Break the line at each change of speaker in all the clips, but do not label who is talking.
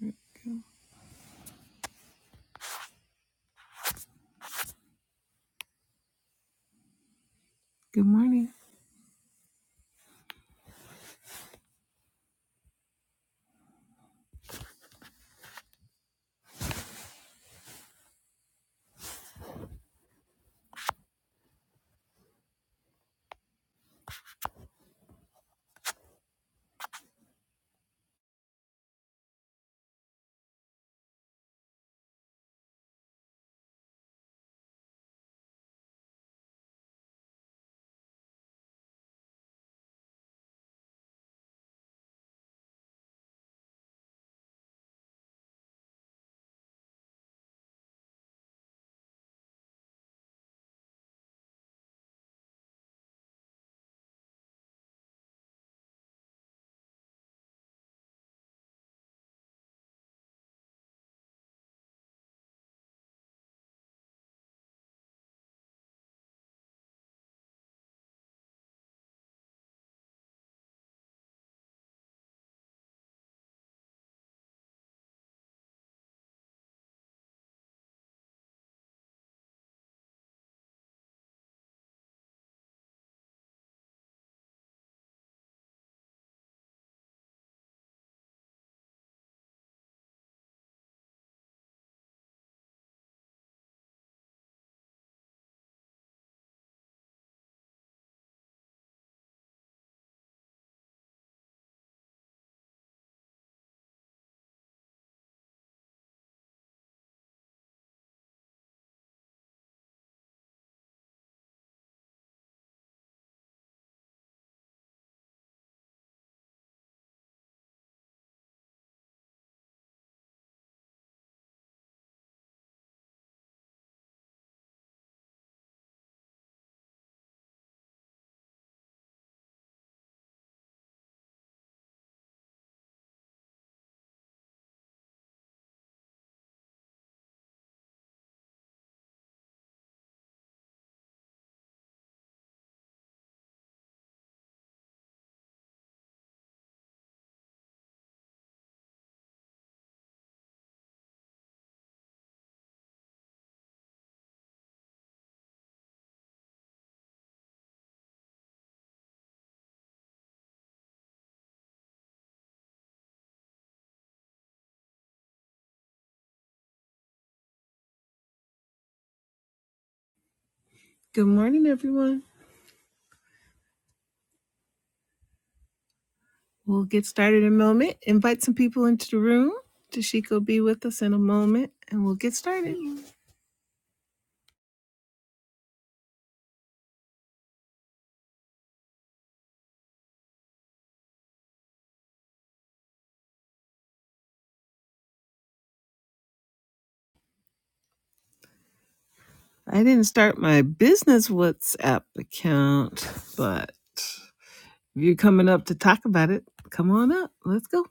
There we go. Good morning. Good morning, everyone. We'll get started in a moment. Invite some people into the room. Tashiko, will be with us in a moment and we'll get started. I didn't start my business WhatsApp account, but if you're coming up to talk about it, come on up. Let's go.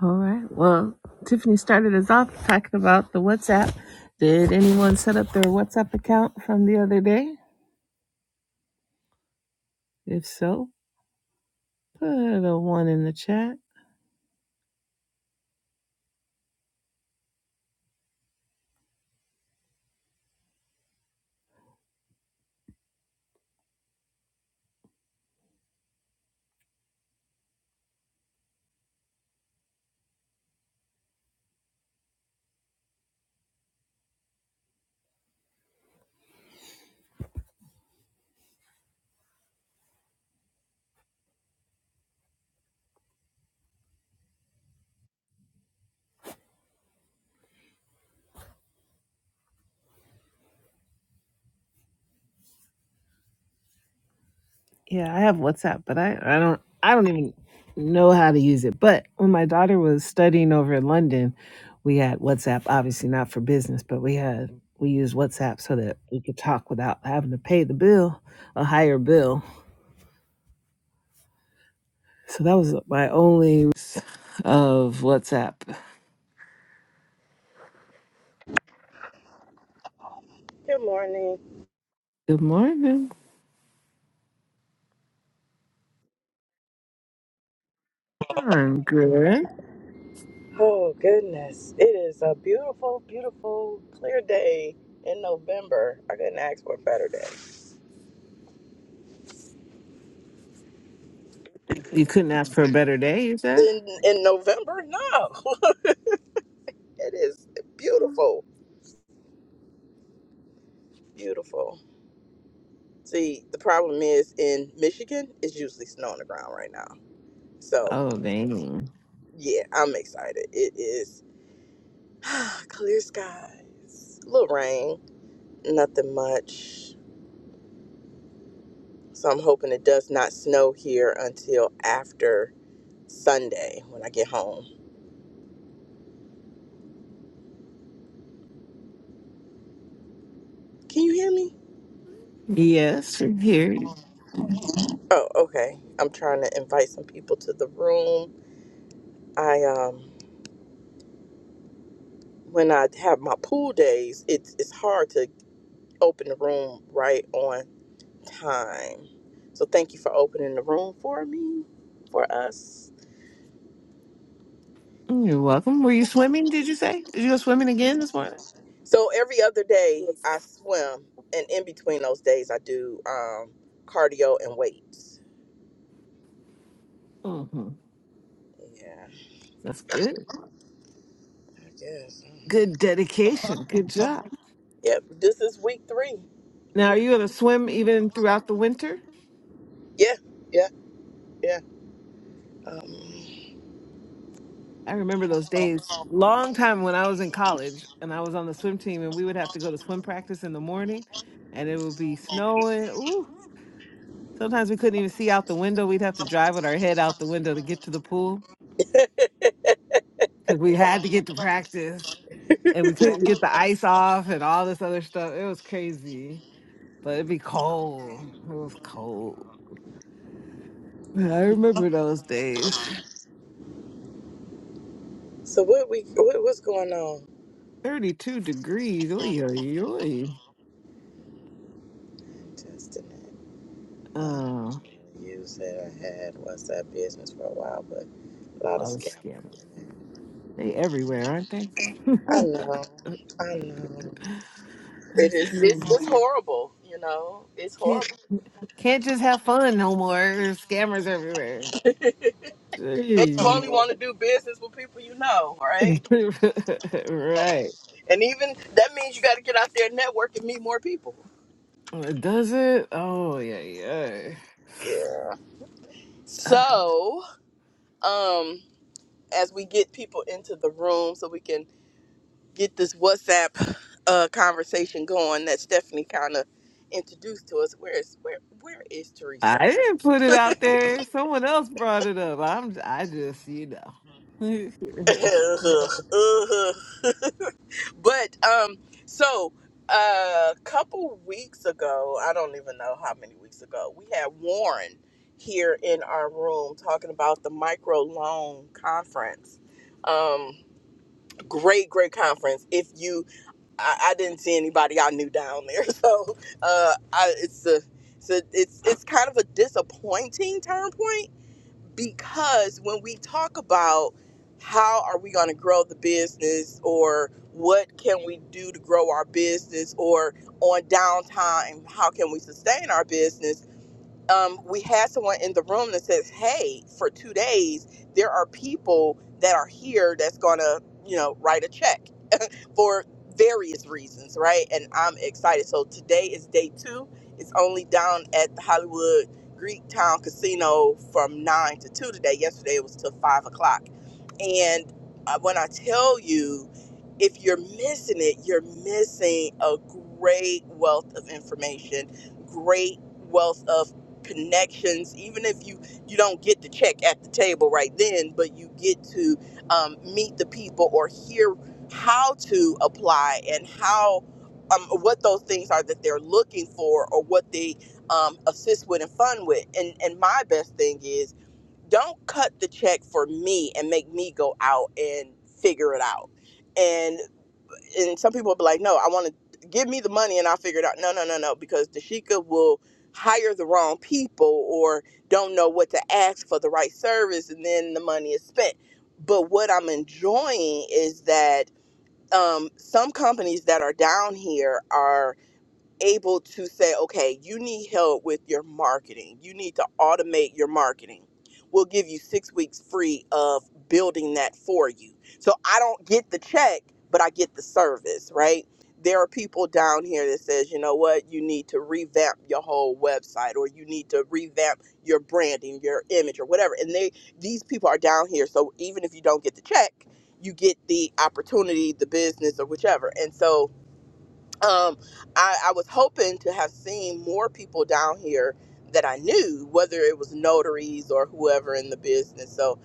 All right. Well, Tiffany started us off talking about the WhatsApp. Did anyone set up their WhatsApp account from the other day? If so, put a one in the chat. Yeah, I have WhatsApp, but I, I don't I don't even know how to use it. But when my daughter was studying over in London, we had WhatsApp, obviously not for business, but we had we used WhatsApp so that we could talk without having to pay the bill, a higher bill. So that was my only use of WhatsApp.
Good morning.
Good morning. I'm good.
Oh, goodness. It is a beautiful, beautiful, clear day in November. I couldn't ask for a better day.
You couldn't ask for a better day, you said?
In in November? No. It is beautiful, beautiful. See, the problem is in Michigan, it's usually snow on the ground right now. So,
Oh, dang.
yeah, I'm excited. It is clear skies, a little rain, nothing much. So, I'm hoping it does not snow here until after Sunday when I get home Can you hear me?
Yes, I'm here.
Oh, okay. I'm trying to invite some people to the room. I um when I have my pool days, it's it's hard to open the room right on time. So thank you for opening the room for me, for us.
You're welcome. Were you swimming, did you say? Did you go swimming again this morning?
So every other day I swim and in between those days I do um cardio and weights.
hmm
Yeah,
That's good.
I guess.
Good dedication. Good job.
Yep, this is week 3.
Now, are
Week
you going to swim even throughout the winter?
Yeah, yeah, yeah. Um
I remember those days. Long time when I was in college and I was on the swim team, and we would have to go to swim practice in the morning and it would be snowing. Ooh, sometimes we couldn't even see out the window. We'd have to drive with our head out the window to get to the pool. because we had to
wow.
get to practice and we couldn't get the ice off and all this other stuff. It was crazy, but it'd be cold. It was cold. I remember those days.
So what we what, what's going on?
32 degrees. Oy, oy, oy.
Testing it. Uh,
Oh,
use it. I had was that business for a while, but a
a
lot of
lot of scammers.
scammers.
They everywhere, aren't they?
I know. I know. It
That's
is. It's,
crazy.
it's horrible. You know, it's
Can't
horrible.
can't just have fun no more. There's scammers everywhere.
Makes you
Gee.
only want to do business with people you know, right?
right.
And even that means you got to get out there, and network, and meet more people.
Does it? Oh yeah,
Yeah.
yeah.
So, um, as we get people into the room, so we can get this WhatsApp uh, conversation going that Stephanie kind of introduced to us. Where is where where is Teresa?
I didn't put it out there. Someone else brought it up. I'm I just, you know.
but um, so a couple weeks ago, I don't even know how many weeks ago, we had Warren here in our room talking about the micro loan conference. Um, great, great conference. If you I, I didn't see anybody I knew down there. So uh, I, it's a, it's a, it's it's kind of a disappointing turn point because when we talk about how are we going to grow the business or what can we do to grow our business or on downtime how can we sustain our business um, we had someone in the room that says hey for two days there are people that are here that's going to you know write a check for various reasons, right? And I'm excited. So today is day two. It's only down at the Hollywood Greek Town Casino from nine to two today. Yesterday it was till five o'clock. And uh, when I tell you, if you're missing it, you're missing a great wealth of information, great wealth of connections. Even if you you don't get the check at the table right then, but you get to um, meet the people or hear how to apply and how um, what those things are that they're looking for or what they um, assist with and fund with and and my best thing is don't cut the check for me and make me go out and figure it out and and some people will be like no i want to give me the money and i'll figure it out no no no no because dashika will hire the wrong people or don't know what to ask for the right service and then the money is spent but what i'm enjoying is that um, some companies that are down here are able to say, okay, you need help with your marketing. You need to automate your marketing. We'll give you six weeks free of building that for you. So I don't get the check, but I get the service, right? There are people down here that says, you know what, you need to revamp your whole website or you need to revamp your branding, your image or whatever. And they these people are down here. So even if you don't get the check, you get the opportunity, the business or whichever. And so um, I, I was hoping to have seen more people down here that I knew, whether it was notaries or whoever in the business. So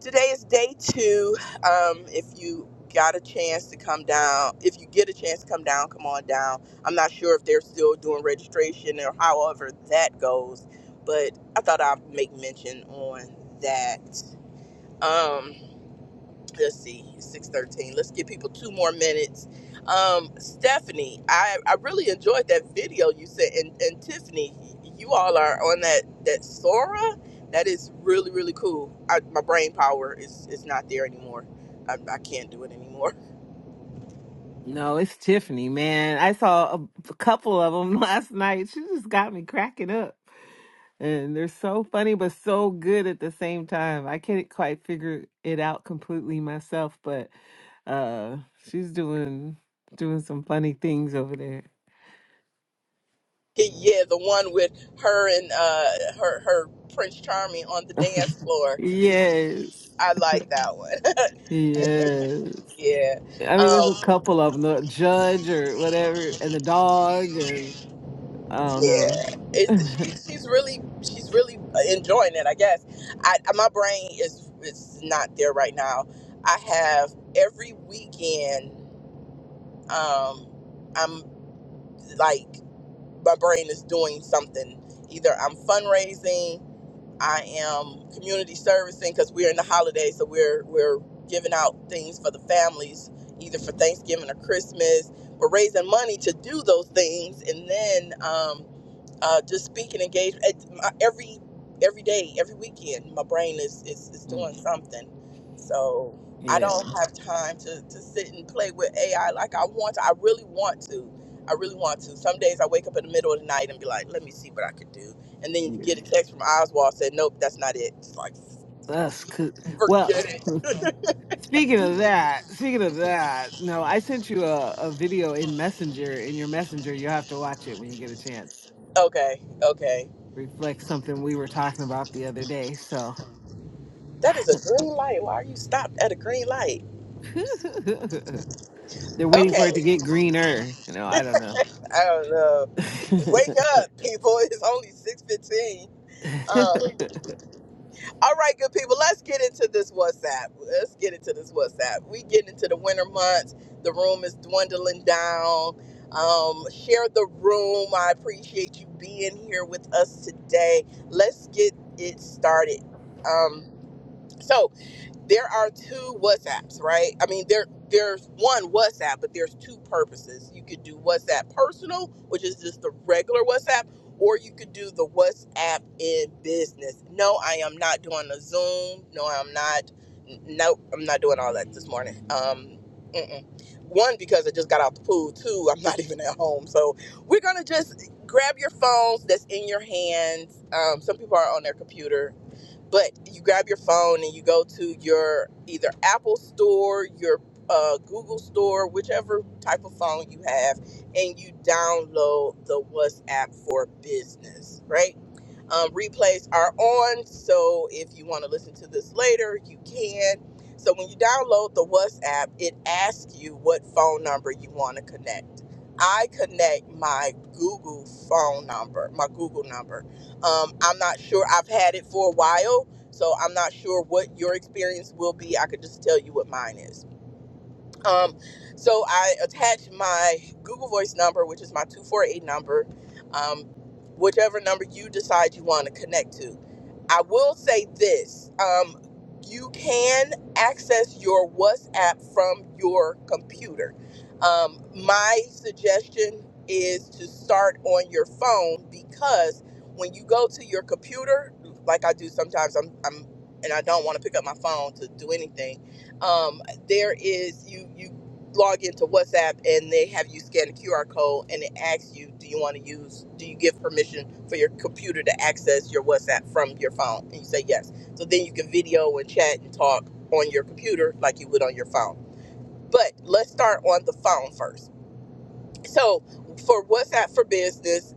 today is day two. Um, if you got a chance to come down, if you get a chance to come down, come on down. I'm not sure if they're still doing registration or however that goes, but I thought I'd make mention on that. Um, let's see, six thirteen. Let's give people two more minutes. Um, Stephanie, I, I really enjoyed that video you sent, and, and Tiffany, you all are on that that Sora. That is really really cool. I, my brain power is is not there anymore. I, I can't do it anymore.
no, it's Tiffany, man. I saw a, a couple of them last night. She just got me cracking up. And they're so funny but so good at the same time. I can't quite figure it out completely myself, but uh she's doing doing some funny things over there.
yeah, the one with her and uh her her Prince Charming on the dance floor.
Yes.
I like that one.
Yes. I mean, there's a couple of them, the judge or
yeah.
whatever, and the dog,
Um,
and I don't know.
Yeah, it's she, she's really she's really enjoying it. I guess I my brain is is not there right now. I have every weekend. Um, I'm like my brain is doing something. Either I'm fundraising, I am community servicing because we're in the holidays, so we're we're giving out things for the families, either for Thanksgiving or Christmas. We're raising money to do those things, and then. Um, uh, just speaking engagement it's my, every every day, every weekend. My brain is, is is
Mm,
doing something, so I
yeah,
don't have time to to sit and play with AI like I want. To. I really want to. I really want to. Some days I wake up in the middle of the night and be like, "Let me see what I could do," and then you
yeah,
get a text from Oswald said, "Nope, that's not it." It's like,
that's cool.
forget
Well,
it.
speaking of that, speaking of that, no, I sent you a, a video in Messenger. In your Messenger, you have to watch it when you get a chance.
Okay, okay.
Reflects something we were talking about the other day. So
That is a green light. Why are you stopped at a green light?
they're waiting for
Okay.
it to get greener. You know, I don't
I don't know. Wake up, people. It's only 615.
know.
Uh, all right, good people. Let's get into this WhatsApp. Let's get into this WhatsApp. We get into the winter months. The room is dwindling down. Um, share the room. I appreciate you being here with us today. Let's get it started. Um, so there are two WhatsApps, right? I mean, there there's one WhatsApp, but there's two purposes. You could do WhatsApp personal, which is just the regular WhatsApp, or you could do the WhatsApp in business. No, I am not doing a Zoom. No, I'm not. No, I'm not doing all that this morning. Um, mm-mm. one because I just got out the pool. Two, I'm not even at home, so we're gonna just grab your phones that's in your hands. Um, some people are on their computer but you grab your phone and you go to your either Apple store, your uh, Google store, whichever type of phone you have, and you download the WhatsApp for business, right? Um, replays are on, so if you want to listen to this later, you can. So when you download the WhatsApp, it asks you what phone number you want to connect. I connect my Google phone number, my Google number um, I'm not sure. I've had it for a while, so I'm not sure what your experience will be. I could just tell you what mine is. Um, so I attached my Google Voice number, which is my 248 number, um, whichever number you decide you want to connect to. I will say this um, you can access your WhatsApp from your computer. Um, my suggestion is to start on your phone because when you go to your computer, like I do sometimes, I'm, I'm and I don't want to pick up my phone to do anything. Um, there is you you log into WhatsApp and they have you scan a QR code and it asks you, do you want to use, do you give permission for your computer to access your WhatsApp from your phone? And you say yes. So then you can video and chat and talk on your computer like you would on your phone. But let's start on the phone first. So for WhatsApp for business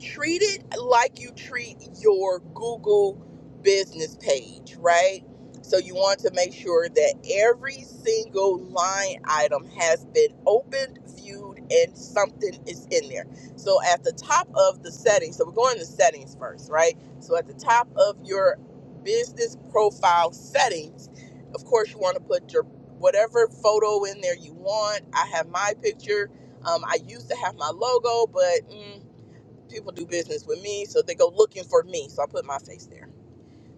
treat it like you treat your Google business page, right? So you want to make sure that every single line item has been opened, viewed, and something is in there. So at the top of the settings, so we're going to settings first, right? So at the top of your business profile settings, of course you want to put your whatever photo in there you want. I have my picture. Um, I used to have my logo, but mm, people do business with me, so they go looking for me. So I put my face there.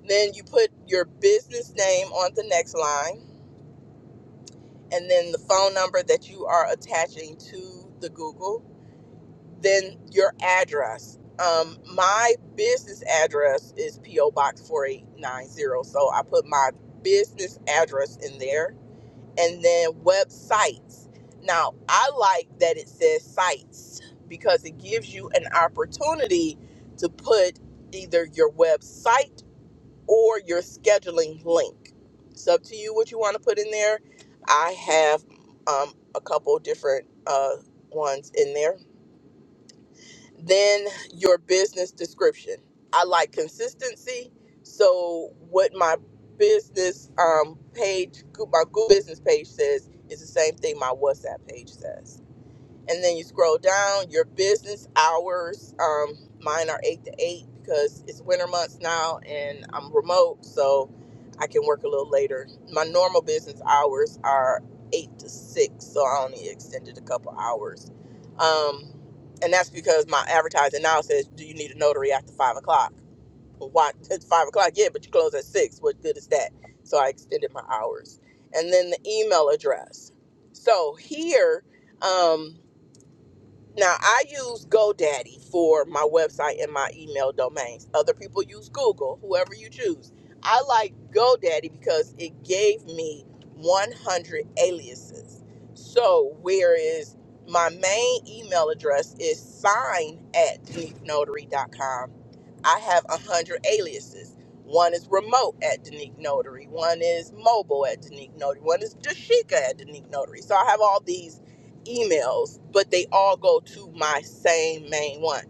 Then you put your business name on the next line, and then the phone number that you are attaching to the Google. Then your address. Um, my business address is PO Box 4890, so I put my business address in there and then websites. Now, I like that it says sites because it gives you an opportunity to put either your website or your scheduling link. It's up to you what you want to put in there. I have um, a couple different uh, ones in there then your business description. I like consistency. So what my business um, page, my Google business page says is the same thing my WhatsApp page says and then you scroll down your business hours um, mine are 8 to 8 because it's winter months now and i'm remote so i can work a little later my normal business hours are 8 to 6 so i only extended a couple hours um, and that's because my advertising now says do you need a notary after 5 o'clock well, why it's 5 o'clock yeah but you close at 6 what good is that so i extended my hours and then the email address so here um, now I use GoDaddy for my website and my email domains. Other people use Google, whoever you choose. I like GoDaddy because it gave me 100 aliases. So whereas my main email address is sign at deniquenotary.com, I have 100 aliases. One is remote at Denique Notary. One is mobile at Denique Notary. One is Dashika at Denique Notary. So I have all these emails, but they all go to my same main one.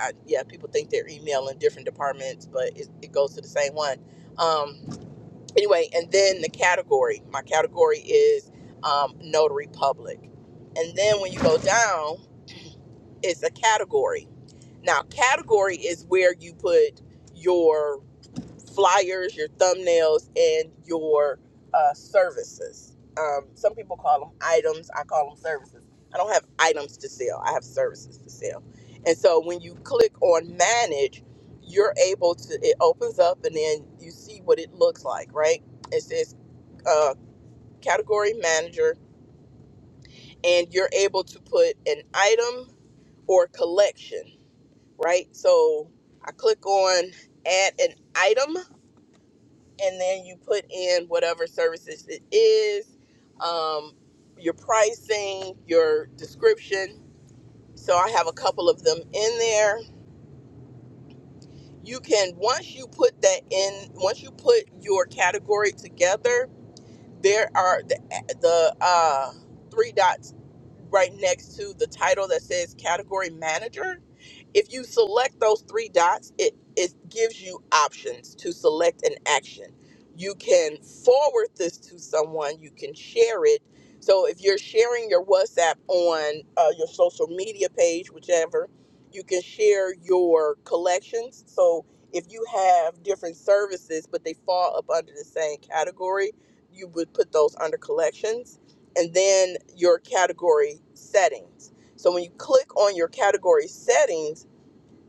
I, yeah, people think they're emailing different departments, but it, it goes to the same one. Um, anyway, and then the category. My category is um, notary public. And then when you go down, it's a category. Now, category is where you put your flyers, your thumbnails, and your uh, services. Um, some people call them items. I call them services. I don't have items to sell. I have services to sell. And so when you click on manage, you're able to. It opens up, and then you see what it looks like. Right? It says uh, category manager, and you're able to put an item or collection. Right? So I click on add an item and then you put in whatever services it is, um, your pricing, your description. So I have a couple of them in there. You can once you put that in, once you put your category together, there are the the uh, three dots right next to the title that says category manager If you select those three dots, it, it gives you options to select an action. You can forward this to someone, you can share it. So if you're sharing your WhatsApp on uh, your social media page, whichever, you can share your collections. So if you have different services, but they fall up under the same category, you would put those under collections and then your category settings. So when you click on your category settings,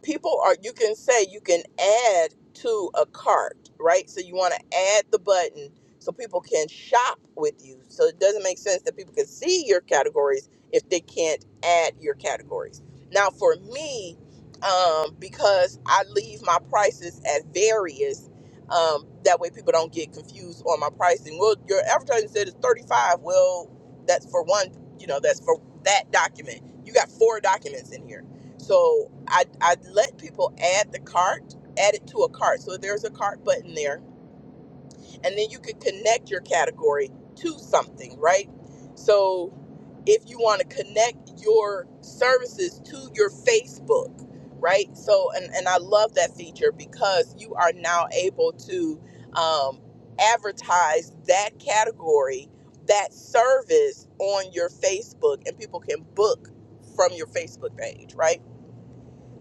people are you can say you can add to a cart right so you want to add the button so people can shop with you so it doesn't make sense that people can see your categories if they can't add your categories now for me um, because i leave my prices at various um, that way people don't get confused on my pricing well your advertising said it's 35 well that's for one you know that's for that document you got four documents in here so I, I let people add the cart, add it to a cart. So there's a cart button there. And then you could connect your category to something, right? So if you want to connect your services to your Facebook, right? So, and, and I love that feature because you are now able to um, advertise that category, that service on your Facebook, and people can book from your Facebook page, right?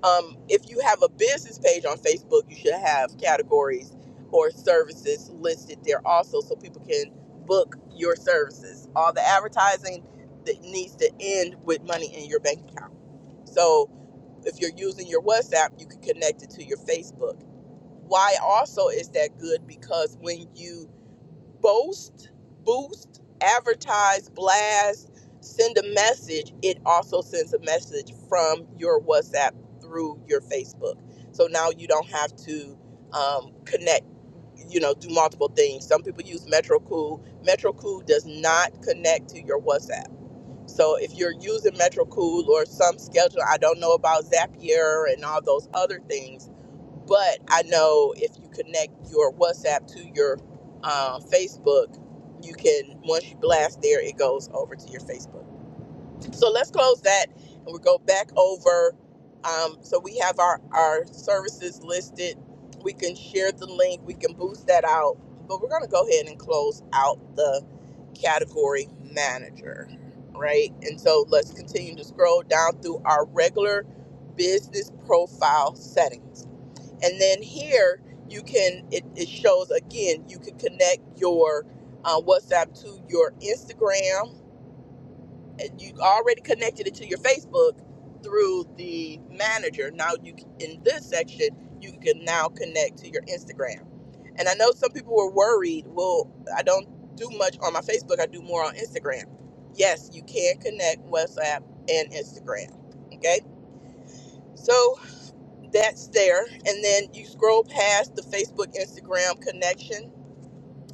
um, if you have a business page on Facebook, you should have categories or services listed there also so people can book your services. All the advertising that needs to end with money in your bank account. So if you're using your WhatsApp, you can connect it to your Facebook. Why also is that good? Because when you boast, boost, advertise, blast, send a message, it also sends a message from your WhatsApp through your Facebook. So now you don't have to um, connect, you know, do multiple things. Some people use MetroCool. MetroCool does not connect to your WhatsApp. So if you're using MetroCool or some schedule, I don't know about Zapier and all those other things but I know if you connect your WhatsApp to your uh, Facebook, you can, once you blast there, it goes over to your Facebook. So let's close that and we'll go back over. Um, so we have our, our services listed. We can share the link, we can boost that out. But we're going to go ahead and close out the category manager, right? And so let's continue to scroll down through our regular business profile settings and then here you can it, it shows again you can connect your uh, whatsapp to your instagram and you already connected it to your facebook through the manager now you can, in this section you can now connect to your instagram and i know some people were worried well i don't do much on my facebook i do more on instagram yes you can connect whatsapp and instagram okay so that's there. And then you scroll past the Facebook Instagram connection,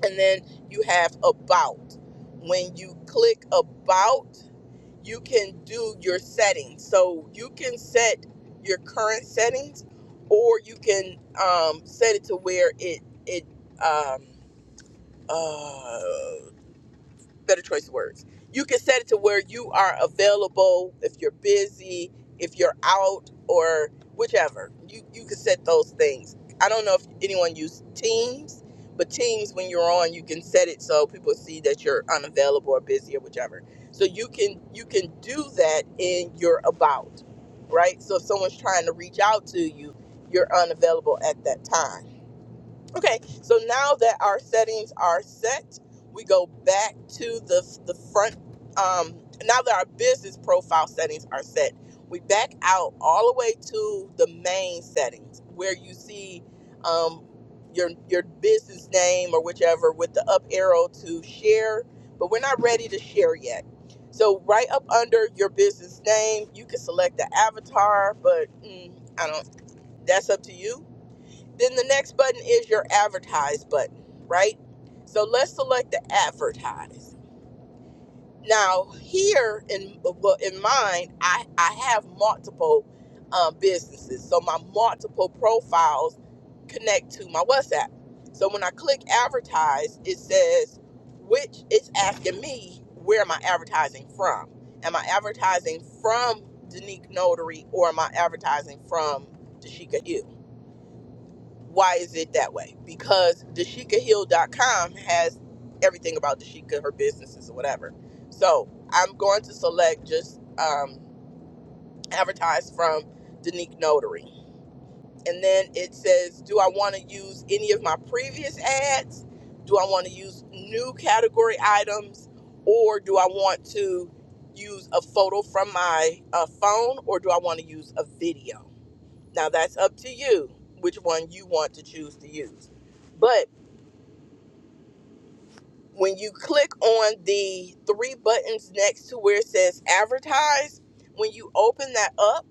and then you have about. When you click about, you can do your settings. So you can set your current settings, or you can um, set it to where it it um, uh, better choice of words. You can set it to where you are available if you're busy, if you're out, or whichever. You you can set those things. I don't know if anyone used Teams, but Teams when you're on, you can set it so people see that you're unavailable or busy or whichever. So you can you can do that in your about, right? So if someone's trying to reach out to you, you're unavailable at that time Okay, so now that our settings are set, we go back to the the front. Um, now that our business profile settings are set, we back out all the way to the main settings where you see um, your your business name or whichever with the up arrow to share. But we're not ready to share yet. So right up under your business name, you can select the avatar, but mm, I don't. That's up to you then the next button is your advertise button, right? So let's select the advertise. Now here in well, in mine, I I have multiple um, businesses, so my multiple profiles connect to my WhatsApp. So when I click advertise, it says which it's asking me where am I advertising from? Am I advertising from Danique Notary or am I advertising from Tashika U? Why is it that way? Because Dashika Hill dot com has everything about Dashika, her businesses or whatever. So I'm going to select just um, advertise from Danique Notary. And then it says, do I want to use any of my previous ads? Do I want to use new category items? Or do I want to use a photo from my uh, phone? Or do I want to use a video? Now that's up to you which one you want to choose to use. But when you click on the three buttons next to where it says advertise, when you open that up,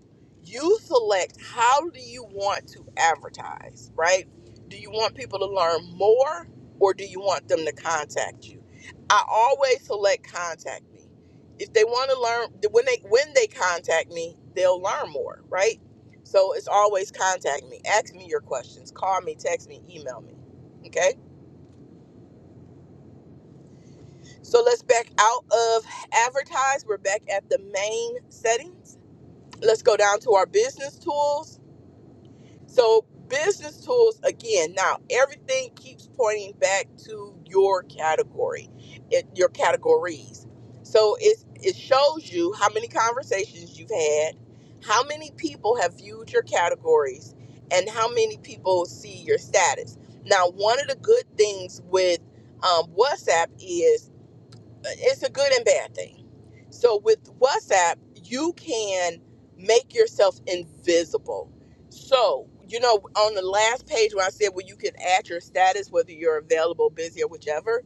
you select how do you want to advertise, right? Do you want people to learn more or do you want them to contact you? I always select contact me. If they want to learn when they when they contact me, they'll learn more, right? So it's always contact me. Ask me your questions, call me, text me, email me. Okay? So let's back out of advertise. We're back at the main settings. Let's go down to our business tools. So, business tools again, now everything keeps pointing back to your category, it, your categories. So, it's, it shows you how many conversations you've had, how many people have viewed your categories, and how many people see your status. Now, one of the good things with um, WhatsApp is it's a good and bad thing. So with WhatsApp, you can make yourself invisible. So, you know, on the last page where I said well, you can add your status, whether you're available, busy, or whichever,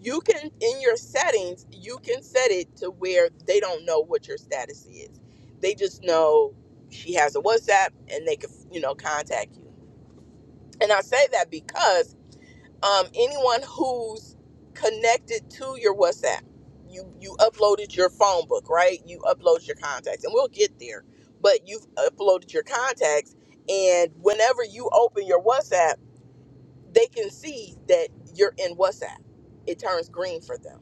you can in your settings, you can set it to where they don't know what your status is. They just know she has a WhatsApp and they can, you know, contact you. And I say that because um, anyone who's connected to your WhatsApp. You you uploaded your phone book, right? You uploaded your contacts, and we'll get there. But you've uploaded your contacts, and whenever you open your WhatsApp, they can see that you're in WhatsApp. It turns green for them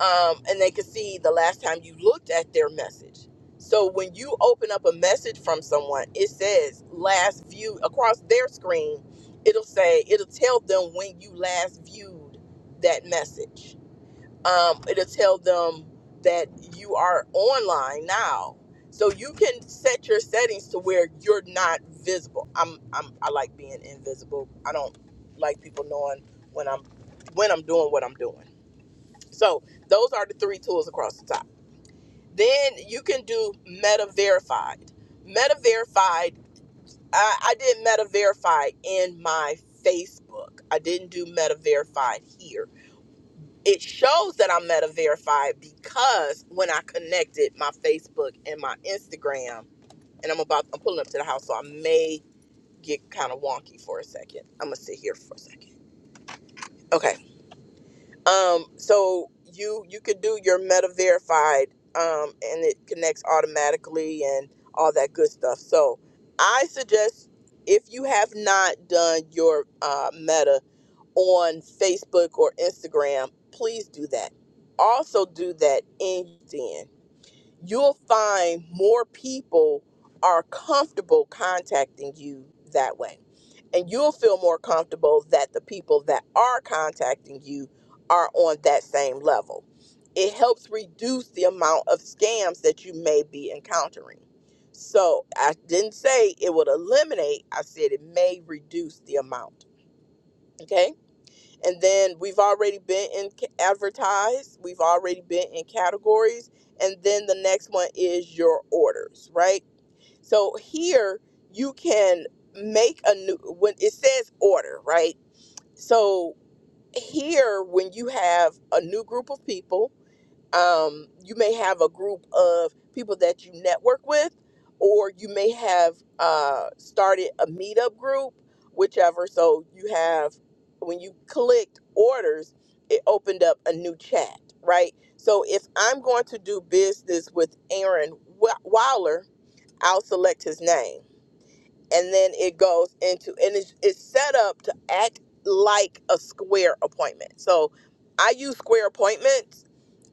um, and they could see the last time you looked at their message. So when you open up a message from someone, it says last view across their screen. It'll say it'll tell them when you last viewed that message. Um, it'll tell them that you are online now. So you can set your settings to where you're not visible. I'm, I'm I like being invisible. I don't like people knowing when I'm when I'm doing what I'm doing. So those are the three tools across the top. Then you can do Meta Verified. Meta Verified, I, I did Meta Verified in my Facebook. I didn't do Meta Verified here. It shows that I'm Meta Verified because when I connected my Facebook and my Instagram, and I'm about, I'm pulling up to the house, so I may get kind of wonky for a second. I'm gonna sit here for a second. Okay. Um, so you you could do your meta verified, um, and it connects automatically and all that good stuff. So I suggest if you have not done your uh, meta on Facebook or Instagram, please do that. Also do that in LinkedIn. You'll find more people are comfortable contacting you that way and you'll feel more comfortable that the people that are contacting you are on that same level. It helps reduce the amount of scams that you may be encountering. So I didn't say it would eliminate, I said it may reduce the amount. Okay. And then we've already been in c- advertised, we've already been in categories. And then the next one is your orders, right? So here you can make a new when it says order, right? So here when you have a new group of people, um, you may have a group of people that you network with, or you may have uh, started a meetup group, whichever. So you have when you clicked orders, it opened up a new chat, right? So if I'm going to do business with Aaron Wa- Wowler, I'll select his name and then it goes into and it's, it's set up to act like a square appointment so i use square appointments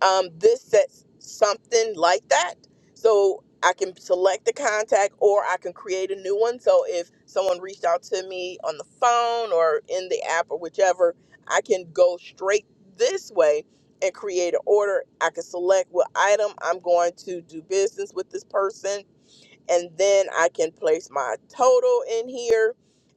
um, this sets something like that so i can select the contact or i can create a new one so if someone reached out to me on the phone or in the app or whichever i can go straight this way and create an order i can select what item i'm going to do business with this person and then I can place my total in here,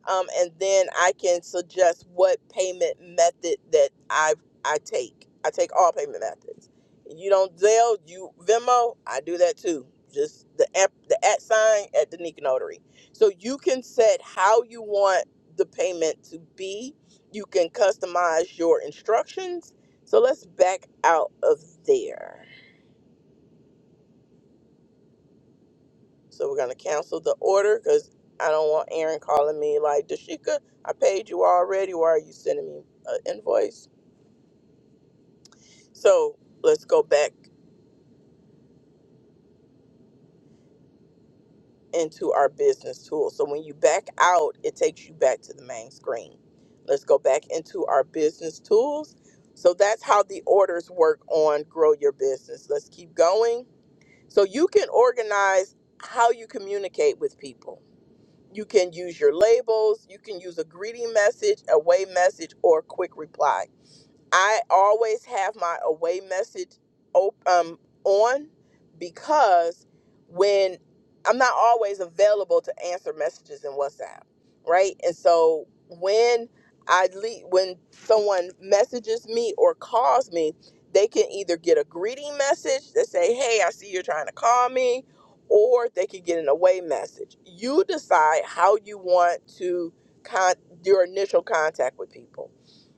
um, and then I can suggest what payment method that I I take. I take all payment methods. You don't Zelle, you Venmo. I do that too. Just the app, the at sign at the Nika Notary. So you can set how you want the payment to be. You can customize your instructions. So let's back out of there. So we're gonna cancel the order because I don't want Aaron calling me like, Dashika, I paid you already. Why are you sending me an invoice? So let's go back into our business tool. So when you back out, it takes you back to the main screen. Let's go back into our business tools. So that's how the orders work on Grow Your Business. Let's keep going. So you can organize how you communicate with people You can use your labels, you can use a greeting message, a way message, or a quick reply. I always have my away message op- um, on because when I'm not always available to answer messages in WhatsApp, right? And so when I leave, when someone messages me or calls me, they can either get a greeting message that say, "Hey, I see you're trying to call me," or they can get an away message. You decide how you want to con- your initial contact with people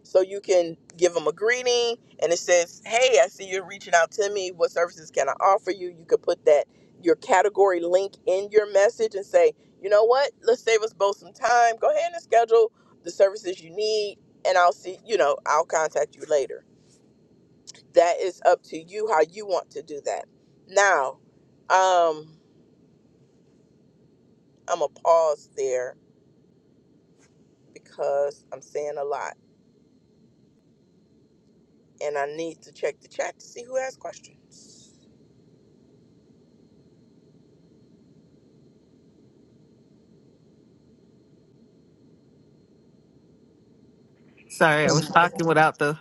so you can give them a greeting and it says hey i see you're reaching out to me what services can i offer you you could put that your category link in your message and say you know what let's save us both some time go ahead and schedule the services you need and i'll see you know i'll contact you later that is up to you how you want to do that now um i'm gonna pause there because i'm saying a lot and i need to check the chat to see who has questions
Sorry, I was talking without the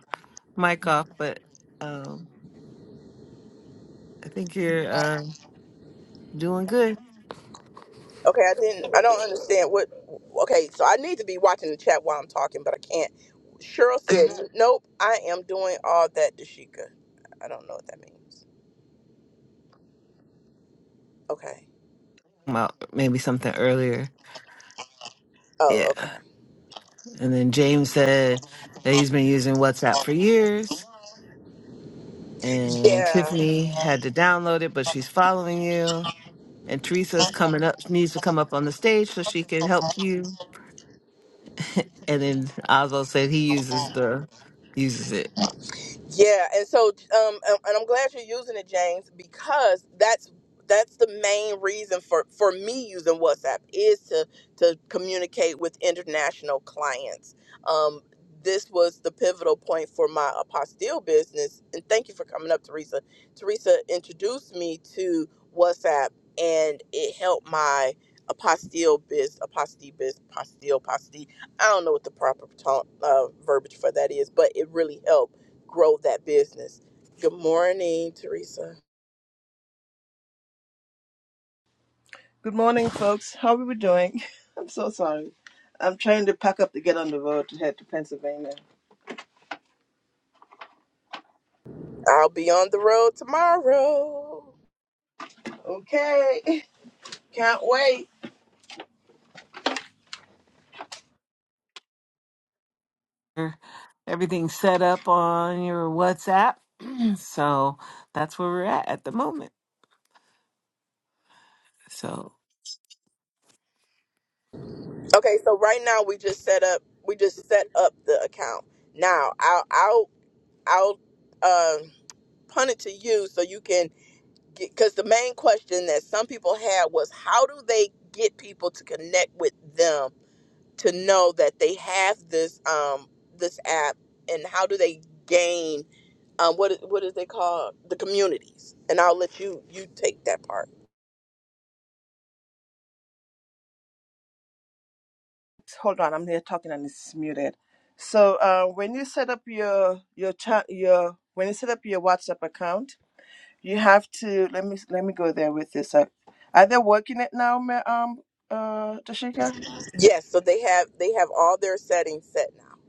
mic off, but um, I think you're uh, doing good.
Okay, I didn't. I don't understand what. Okay, so I need to be watching the chat while I'm talking, but I can't. Cheryl said, "Nope, I am doing all that, Dashika." I don't know what that means. Okay.
Well, maybe something earlier. Yeah.
Oh, okay.
And then James said that he's been using WhatsApp for years, and
Yeah.
Tiffany had to download it, but she's following you. And Teresa's coming up, needs to come up on the stage so she can help you. And then Oswald said he uses the uses it.
Yeah, and so um and and I'm glad you're using it, James, because that's that's the main reason for for me using WhatsApp is to to communicate with international clients. Um this was the pivotal point for my apostille business and thank you for coming up Teresa. Teresa introduced me to WhatsApp and it helped my apostille biz apostille biz apostille apostille I don't know what the proper ta- uh, verbiage for that is but it really helped grow that business. Good morning, Teresa. I'll be on the road tomorrow.
Everything's set up on your WhatsApp. so that's where we're at at the moment. So,
Okay, so right now we just set up we just set up the account. Now I'll I'll I'll um punt it to you so you can get because the main question that some people had was how do they get people to connect with them to know that they have this um this app and how do they gain um what is, what is they call the communities and I'll let you you take that part. Yes, so they have they have all their settings set now.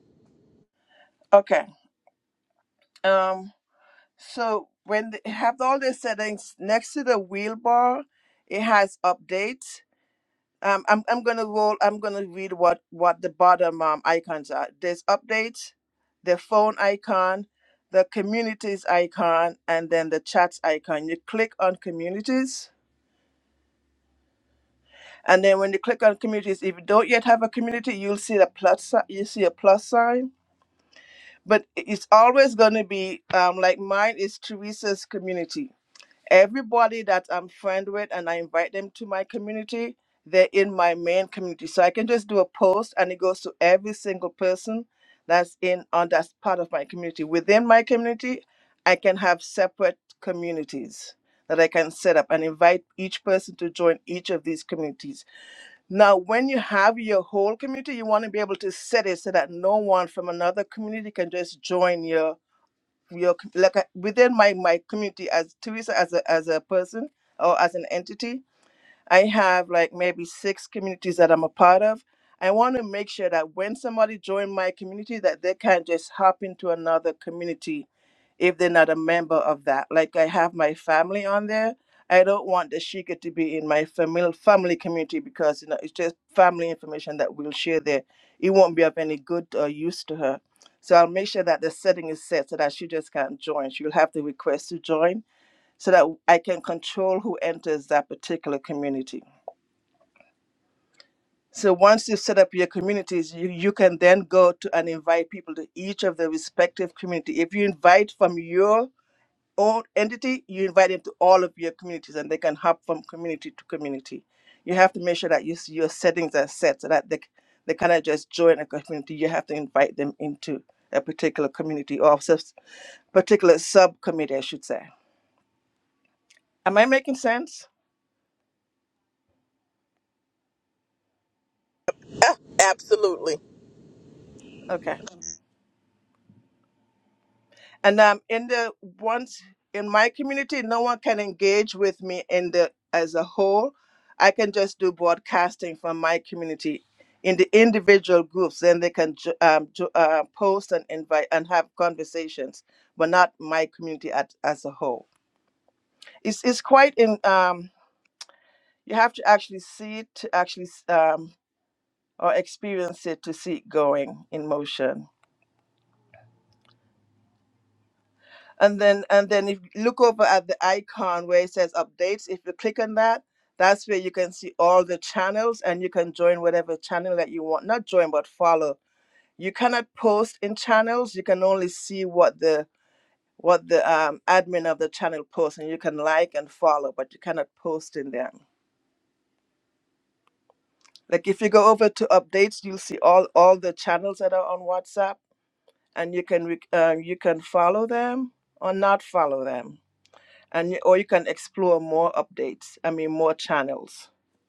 Ah, absolutely.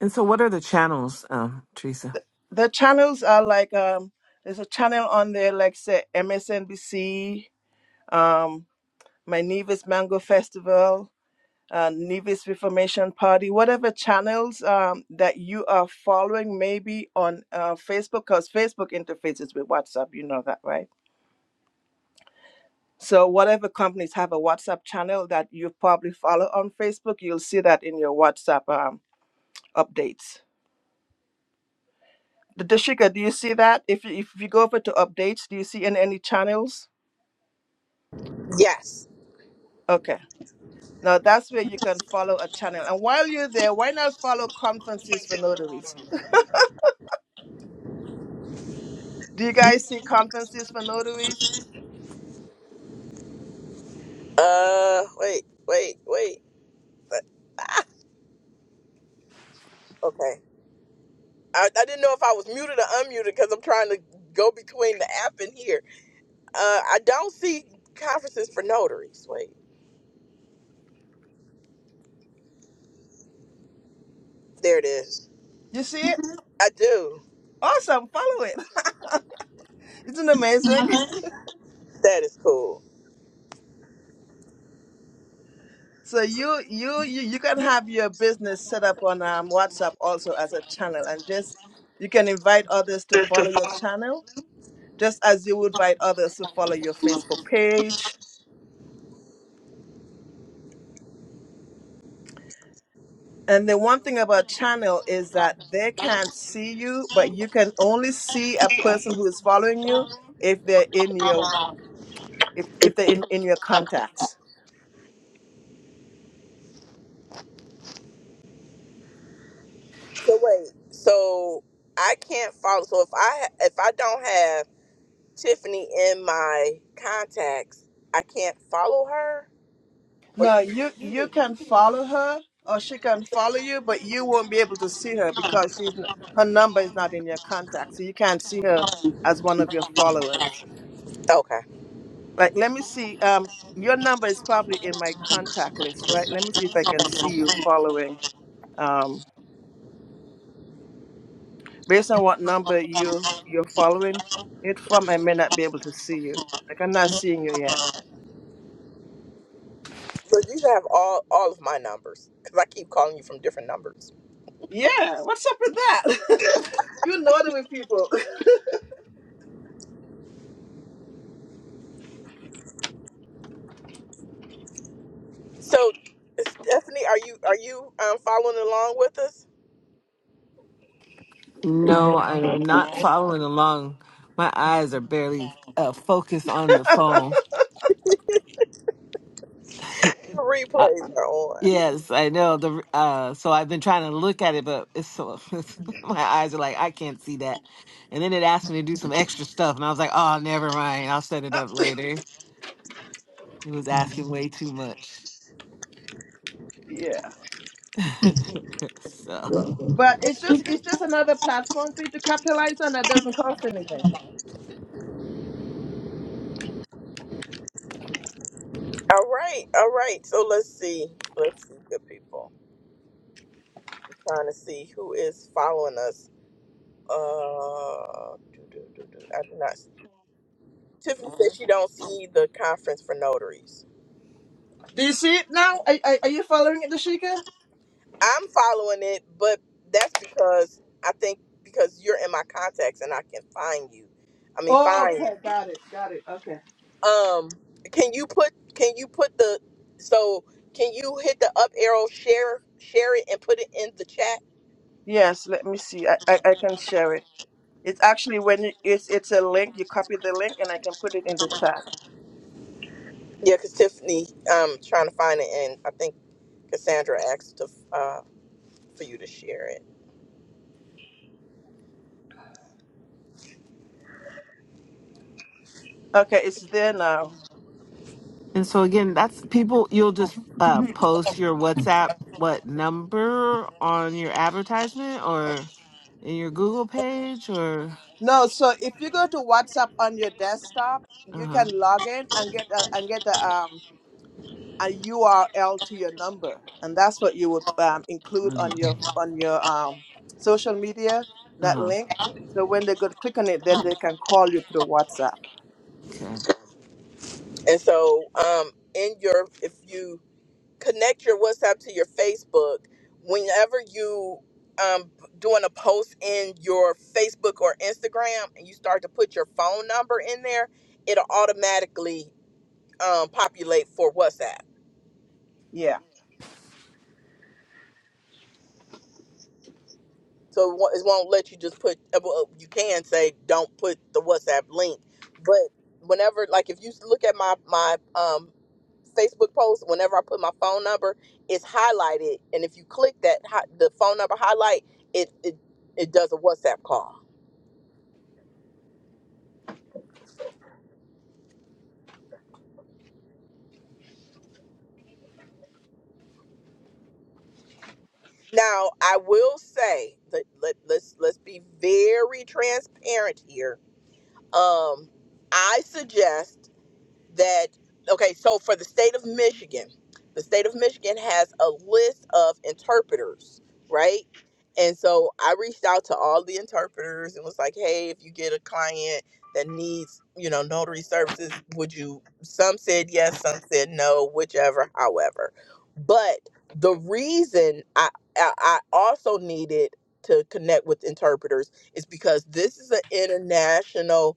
And so, what are the channels, um, Teresa?
Yes. Uh wait, wait, wait. But, ah, okay. I, I didn't know if I was muted or unmuted cuz I'm trying to go between the app and here. Uh I don't see conferences for notaries. Wait. There it is. I do. That is cool. So wait. So I can't follow. So if I if I don't have Tiffany in my contacts, I can't follow her. Or she, okay. So you should have all all of my numbers because I keep calling you from different numbers. So Stephanie, are you are you um, following along with us?
no, I am not following along. My eyes are barely uh, focused on the phone.
replays are on.
Yes, I know the uh so I've been trying to look at it but it's so my eyes are like I can't see that. And then it asked me to do some extra stuff and I was like, "Oh, never mind. I'll set it up later." It was asking way too much. So,
All right. All right. So let's see. Let's see, good people. We're trying to see who is following us. Uh, do, do, do, do. I do not. Tiffany said she don't see the conference for notaries. I'm following it, but that's because I think because you're in my contacts and I can find you. I mean, find. you. Um, can you put can you put the so can you hit the up arrow share share it and put it in the chat? Yeah, because Tiffany, um, trying to find it, and I think Cassandra asked to uh for you to share it.
and so again, that's people you'll just uh post your WhatsApp what number on your advertisement or in your Google page or uh-huh. Uh-huh. Uh-huh. Okay.
And so, um, in your if you connect your WhatsApp to your Facebook whenever you um doing a post in your Facebook or Instagram and you start to put your phone number in there, it'll automatically um populate for WhatsApp. So it won't, it won't let you just put. uh, well, You can say don't put the WhatsApp link, but whenever like if you look at my my um Facebook post, whenever I put my phone number, it's highlighted, and if you click that hi- the phone number highlight, it it it does a WhatsApp call. Now I will say that let, let's let's be very transparent here. Um, I suggest. that okay so for the state of michigan the state of michigan has a list of interpreters right and so i reached out to all the interpreters and was like hey if you get a client that needs you know notary services would you some said yes some said no whichever however but the reason i i, I also needed to connect with interpreters is because this is an international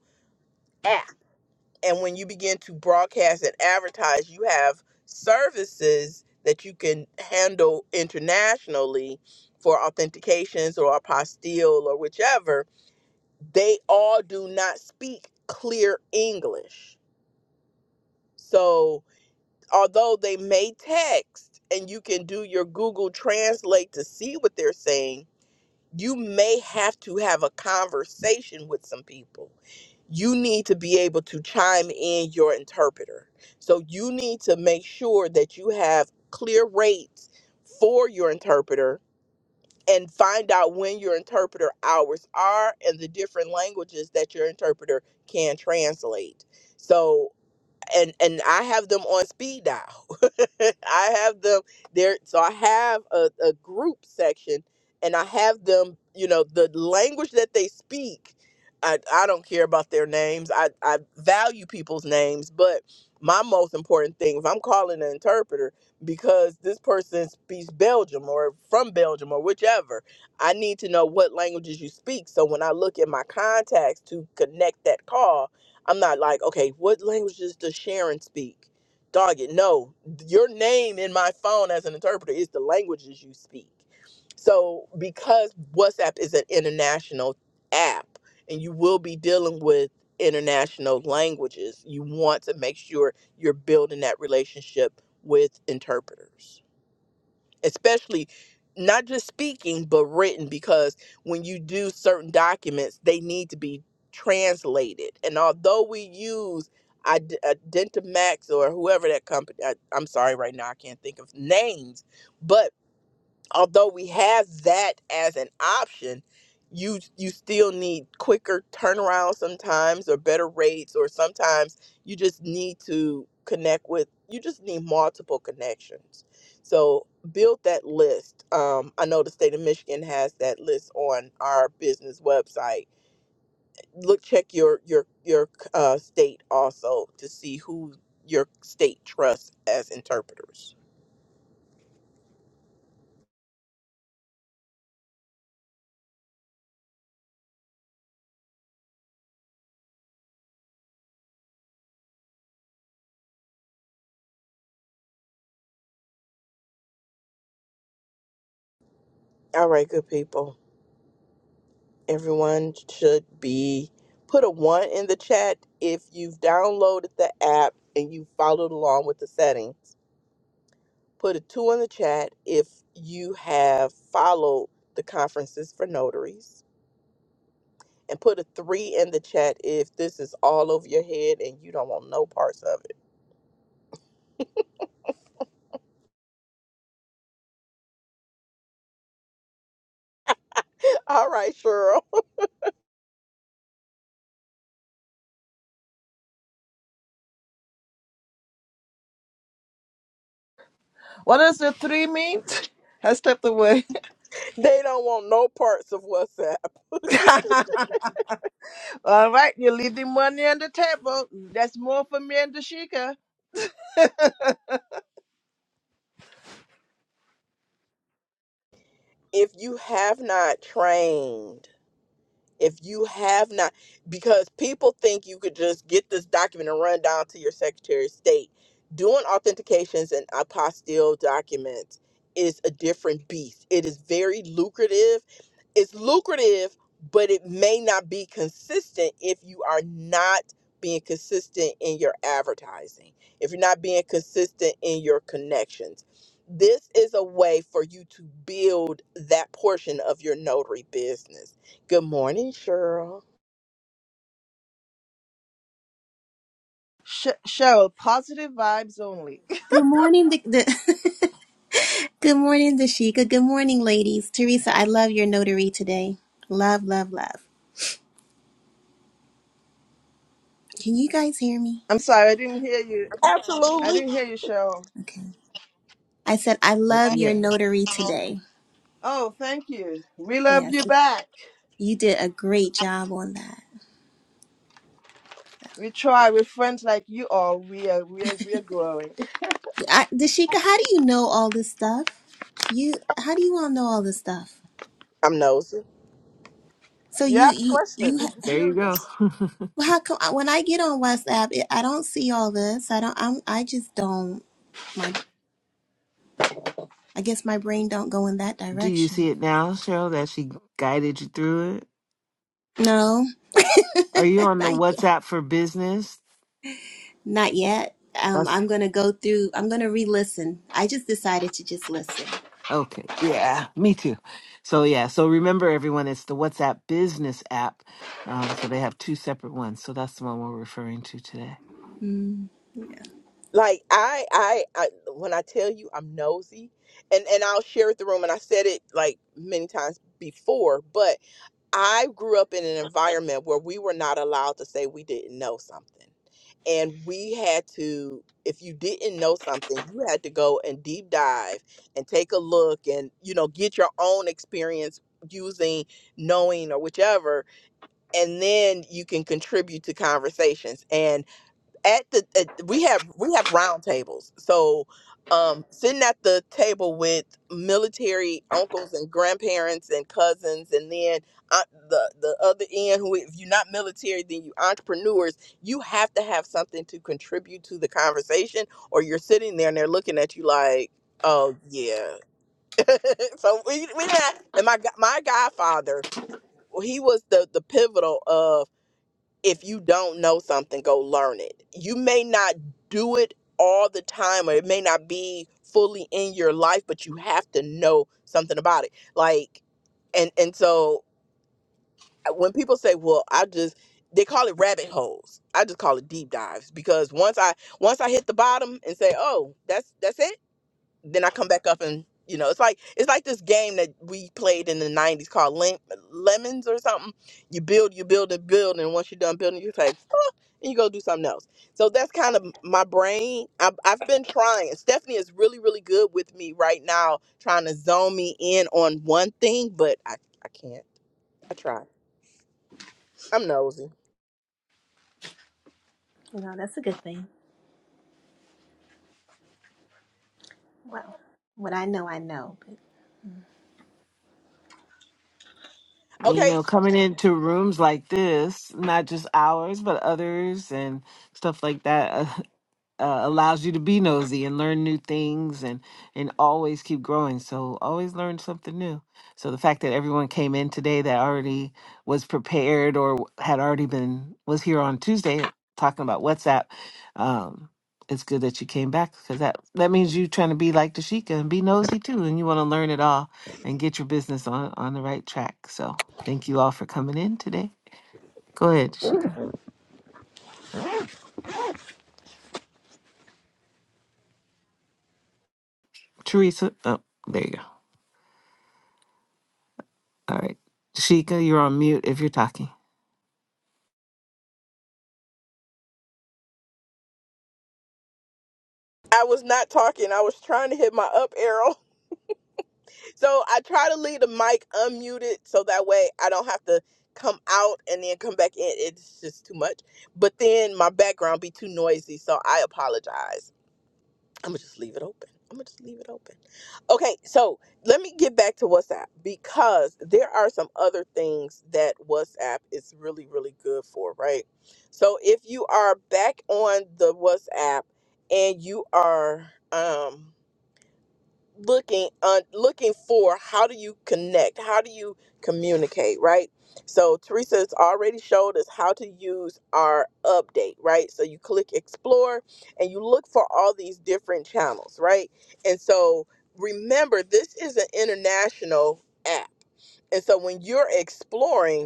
and when you begin to broadcast and advertise you have services that you can handle internationally for authentications or apostille or whichever they all do not speak clear english so although they may text and you can do your google translate to see what they're saying you may have to have a conversation with some people you need to be able to chime in your interpreter. So you need to make sure that you have clear rates for your interpreter and find out when your interpreter hours are and the different languages that your interpreter can translate. So and and I have them on speed dial. I have them there, so I have a, a group section, and I have them. You know, the language that they speak. I I don't care about their names. I I value people's names, but my most important thing, if I'm calling an interpreter because this person speaks Belgium or from Belgium or whichever, I need to know what languages you speak. So when I look at my contacts to connect that call I'm not like, okay, what languages does Sharon speak? Dog it, no. Your name in my phone as an interpreter is the languages you speak. So because WhatsApp is an international app and you will be dealing with international languages, you want to make sure you're building that relationship with interpreters especially not just speaking but written because when you do certain documents they need to be translated and although we use Id- Identimax or whoever that company I, I'm sorry right now I can't think of names but although we have that as an option, you you still need quicker turnaround sometimes or better rates or sometimes you just need to connect with you just need multiple connections. So build that list. Um, I know the state of Michigan has that list on our business website. Look check your your your uh, state also to see who your state trusts as interpreters. All right, good people. Everyone should be put a one in the chat if you've downloaded the app and you followed along with the settings. Put a two in the chat if you have followed the conferences for notaries. And put a three in the chat if this is all over your head and you don't want no parts of it. All right, Cheryl. They don't want no parts of WhatsApp. If you have not trained, If you have not, because people think you could just get this document and run down to your Secretary of State. Doing authentications and apostille documents is a different beast. It is very lucrative. It's lucrative, but it may not be consistent if you are not being consistent in your advertising, if you're not being consistent in your connections. This is a way for you to build that portion of your notary business Good morning, Cheryl.
Good morning, the, the good morning, Dashika. Good morning, ladies. Teresa, I love your notary today. Love, love, love. Can you guys hear me?
Absolutely.
Okay. I said I
Oh,
love
Yeah.
your notary today. Yes, you did a great job on that. I, Dashika, how do you know all this stuff? You, how do you all know all this stuff?
I'm nosy.
So you, you, you. ha-
There you go.
well, How come uh, when I get on WhatsApp, it, I don't see all this. I don't. I'm. I just don't. My. I guess my brain don't go in that
Do you
direction.
see it now, Cheryl, that she guided you through it?
No.
Are you on the
Not yet.
WhatsApp for business?
Not yet. Um,
That's
I'm gonna go through. I'm gonna re-listen. I just decided to just listen.
okay. Yeah, me too. So, yeah, so remember, everyone, it's the WhatsApp business app. Um, so they have two separate ones. So that's the one we're referring to today.
Mm.
Like I, I, I, when I tell you I'm nosy, and and I'll share with the room, and I said it like many times before, but I grew up in an environment where we were not allowed to say we didn't know something, and we had to. If you didn't know something, you had to go and deep dive and take a look, and you know, get your own experience using knowing or whichever and then you can contribute to conversations and at the at, we have we have roundtables. so um sitting at the table with military uncles and grandparents and cousins and then uh, the the other end who if you're not military then you entrepreneurs you have to have something to contribute to the conversation or you're sitting there and they're looking at you like oh yeah so we, we didn't and my go- my godfather he was the the pivotal of if you don't know something, go learn it. You may not do it all the time, or it may not be fully in your life, but you have to know something about it. Like, and and so uh, when people say, "Well, I just," they call it rabbit holes. I just call it deep dives because once I once I hit the bottom and say, "Oh, that's that's it," then I come back up and you know, it's like it's like this game that we played in the '90s called Lem- Lemons or something. You build, you build, and build, and once you're done building, you say. And you go do something else. So that's kind of my brain. I've, I've been trying. Stephanie is really, really good with me right now, trying to zone me in on one thing, but I, I can't. I try. I'm nosy.
You know, that's a good thing. Wow. What I know, I know. But
And you
Okay,
know, coming into rooms like this, not just ours, but others and stuff like that, uh, uh, allows you to be nosy and learn new things and and always keep growing. So always learn something new. So the fact that everyone came in today that already was prepared or had already been was here on Tuesday talking about WhatsApp, um, it's good that you came back because that that means you trying to be like Dashika and be nosy too, and you want to learn it all and get your business on, on the right track. So thank you all for coming in today. Go ahead, Shika. Teresa. Oh, there you go. All right. Shika, you're on mute if you're talking.
I was not talking. I was trying to hit my up arrow. So I try to leave the mic unmuted so that way I don't have to come out and then come back in. It's just too much. But then my background be too noisy, so I apologize. I'm gonna just leave it open. I'm gonna just leave it open. Okay, so let me get back to WhatsApp because there are some other things that WhatsApp is really, really good for, right? So if you are back on the WhatsApp and you are, um, looking uh, looking for how do you connect how do you communicate right so teresa has already showed us how to use our update right so you click explore and you look for all these different channels right and so remember this is an international app and so when you're exploring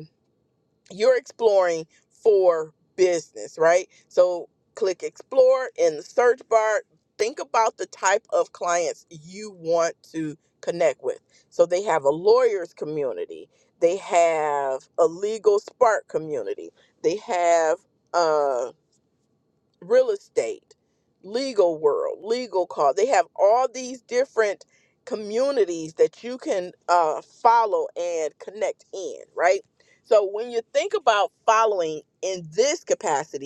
you're exploring for business, right? So click explore in the search bar. Think about the type of clients you want to connect with. So they have a lawyer's community, they have a legal spark community, they have uh, real estate, legal world, legal call. They have all these different communities that you can uh, follow and connect in, right? So when you think about following in this capacity,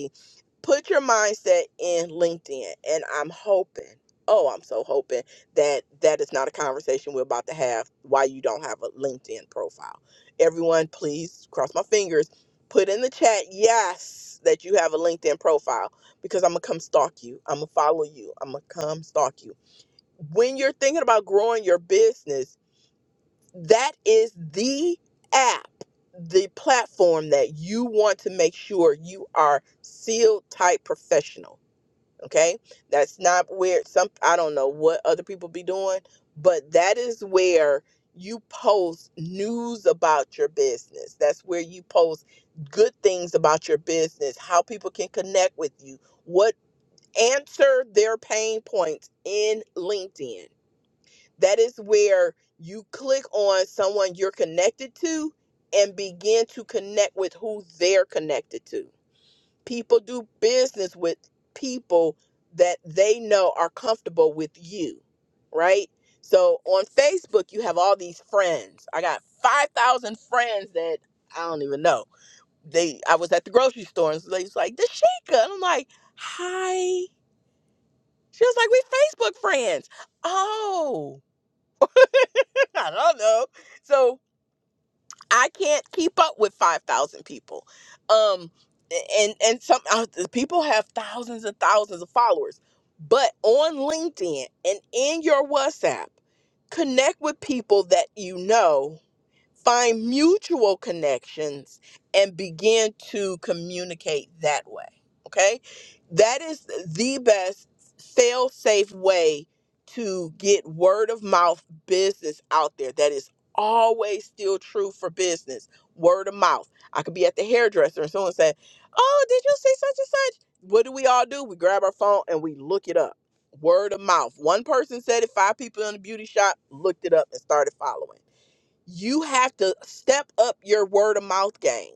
put your mindset in LinkedIn. And I'm hoping, oh, I'm so hoping that that is not a conversation we're about to have why you don't have a LinkedIn profile. Everyone, please cross my fingers. Put in the chat, yes, that you have a LinkedIn profile because I'm going to come stalk you. I'm going to follow you. I'm going to come stalk you. When you're thinking about growing your business, that is the app, the platform that you want to make sure you are sealed type professional okay that's not where some i don't know what other people be doing but that is where you post news about your business that's where you post good things about your business how people can connect with you what answer their pain points in linkedin that is where you click on someone you're connected to and begin to connect with who they're connected to People do business with people that they know are comfortable with you, right? So on Facebook, you have all these friends. I got 5,000 friends that I don't even know. They, I was at the grocery store and they was like, Dashika. And I'm like, hi. She was like, we Facebook friends. Oh, I don't know. So I can't keep up with 5,000 people. Um and and some uh, people have thousands and thousands of followers. But on LinkedIn and in your WhatsApp, connect with people that you know Find mutual connections and begin to communicate that way. Okay? That is the best fail safe way to get word of mouth business out there. That is always still true for business. Word of mouth. I could be at the hairdresser and someone said, Oh, did you see such and such? What do we all do? We grab our phone and we look it up word of mouth. One person said it, five people in the beauty shop looked it up and started following. You have to step up your word of mouth game.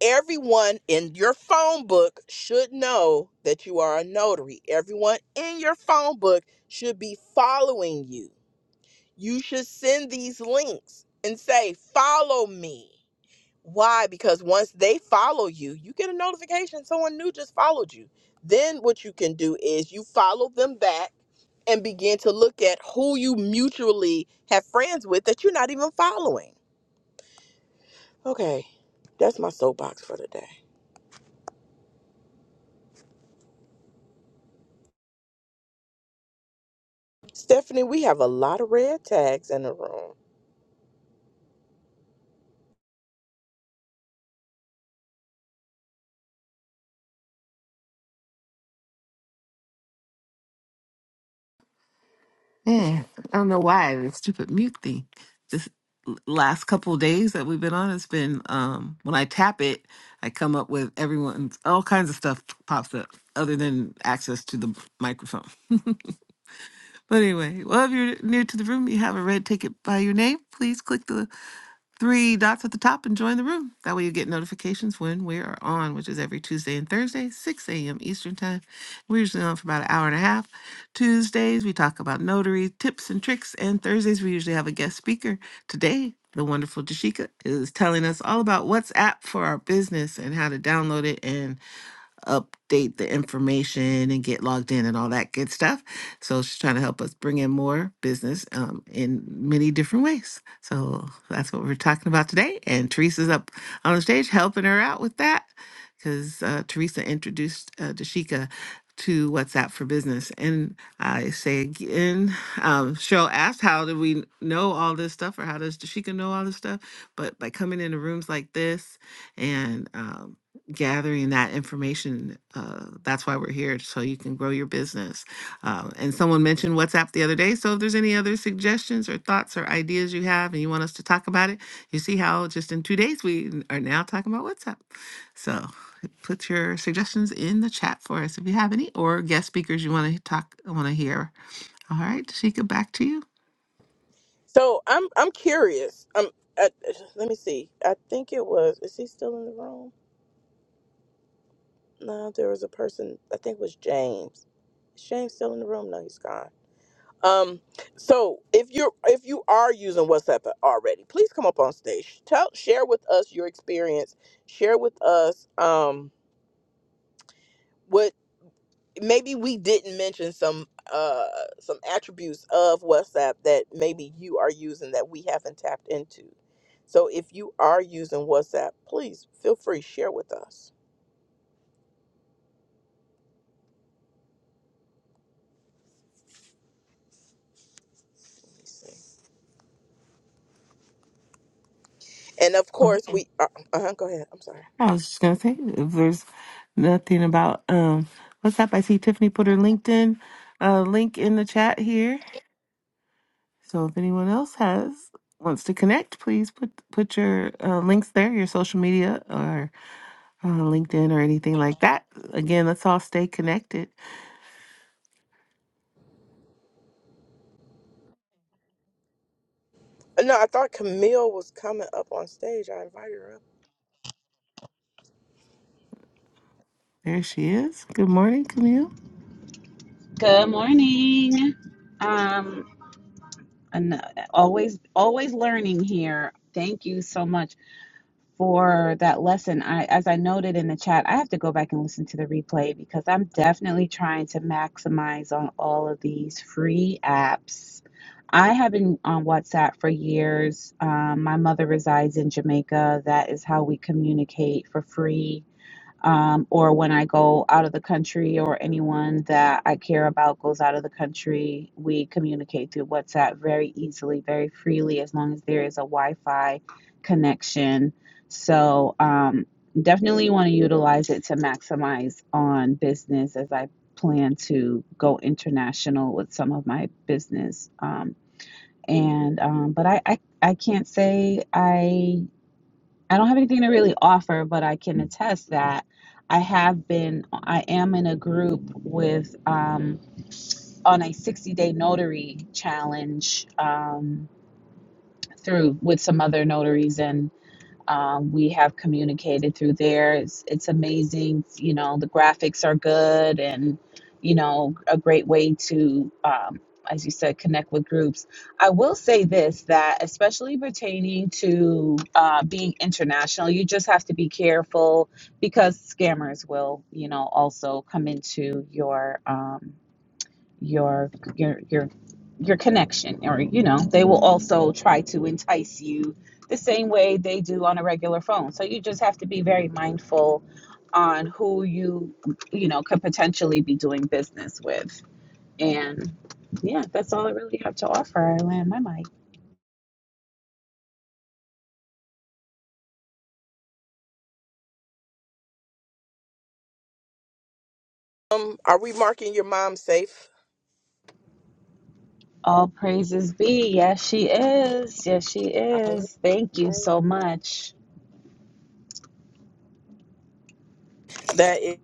Everyone in your phone book should know that you are a notary. Everyone in your phone book should be following you. You should send these links and say, Follow me. Why? Because once they follow you, you get a notification someone new just followed you. Then what you can do is you follow them back and begin to look at who you mutually have friends with that you're not even following Okay, that's my soapbox for today. Stephanie, we have a lot of red tags in the room.
Yeah. I don't know why the stupid mute thing. This l- last couple of days that we've been on, it's been um when I tap it, I come up with everyone's all kinds of stuff pops up other than access to the microphone. But anyway, well if you're new to the room, you have a red ticket by your name, please click the three dots at the top and join the room. That way you get notifications when we are on, which is every Tuesday and Thursday, 6 a.m. Eastern Time. We're usually on for about an hour and a half. Tuesdays, we talk about notary tips and tricks. And Thursdays, we usually have a guest speaker. Today, the wonderful Jashika is telling us all about WhatsApp for our business and how to download it and update the information and get logged in and all that good stuff. So she's trying to help us bring in more business um, in many different ways. So that's what we're talking about today. And Teresa's up on the stage helping her out with that because uh, Teresa introduced uh, Dashika to WhatsApp for Business. And I say again, um, Cheryl asked, how do we know all this stuff or how does Dashika know all this stuff? But by coming into rooms like this, and um, gathering that information. Uh, that's why we're here, so you can grow your business. Um, and someone mentioned WhatsApp the other day. So if there's any other suggestions or thoughts or ideas you have and you want us to talk about it, you see how just in two days we are now talking about WhatsApp. So put your suggestions in the chat for us if you have any, or guest speakers you want to talk, want to hear. All right, Tashika, back to you.
So I'm I'm curious. Um, I, let me see. I think it was. Is he still in the room? No, there was a person. I think it was James. Is James still in the room? No, he's gone. Um, so if you're if you are using WhatsApp already, please come up on stage. Tell share with us your experience. Share with us um maybe we didn't mention some uh some attributes of WhatsApp that maybe you are using that we haven't tapped into. So if you are using WhatsApp, please feel free to share with us. Let me see. And of course, we uh, uh go ahead. I'm sorry.
I was just gonna say if there's nothing about um what's up. I see Tiffany put her LinkedIn uh link in the chat here. So if anyone else has wants to connect, please put put your uh, links there, your social media or uh, LinkedIn or anything like that. Again, let's all stay connected.
Uh, No, I thought Camille was coming up on stage. I invited her up.
There she is. Good morning, Camille.
Good morning. Um, and uh, always, always learning here. Thank you so much for that lesson. I, as I noted in the chat, I have to go back and listen to the replay because I'm definitely trying to maximize on all of these free apps. I have been on WhatsApp for years. Um, my mother resides in Jamaica. That is how we communicate for free um, or when I go out of the country or anyone that I care about goes out of the country, we communicate through WhatsApp very easily, very freely, as long as there is a Wi Fi connection. So, um, definitely want to utilize it to maximize on business as I plan to go international with some of my business. Um, and, um, but I, I, I can't say I I don't have anything to really offer, but I can attest that I have been, I am in a group with, um, on a 60 day notary challenge um, through with some other notaries. and. Um, we have communicated through there. It's, it's amazing. You know, the graphics are good and, you know, a great way to, um, as you said, connect with groups. I will say this that, especially pertaining to uh, being international, you just have to be careful because scammers will, you know, also come into your. Um, your your your your connection or you know they will also try to entice you the same way they do on a regular phone so you just have to be very mindful on who you you know could potentially be doing business with and yeah that's all i really have to offer i land my mic
Um, are we marking your mom safe?
all praises be yes she is yes she
I-
is thank you
I-
so much
That is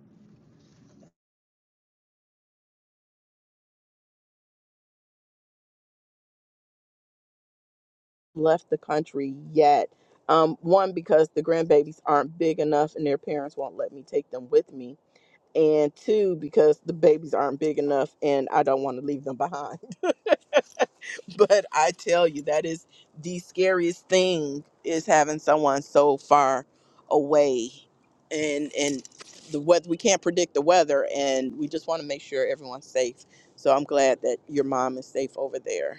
left the country yet. Um, one because the grandbabies aren't big enough and their parents won't let me take them with me and two because the babies aren't big enough and I don't want to leave them behind. but I tell you that is the scariest thing is having someone so far away and and the weather we can't predict the weather and we just want to make sure everyone's safe. So I'm glad that your mom is safe over there.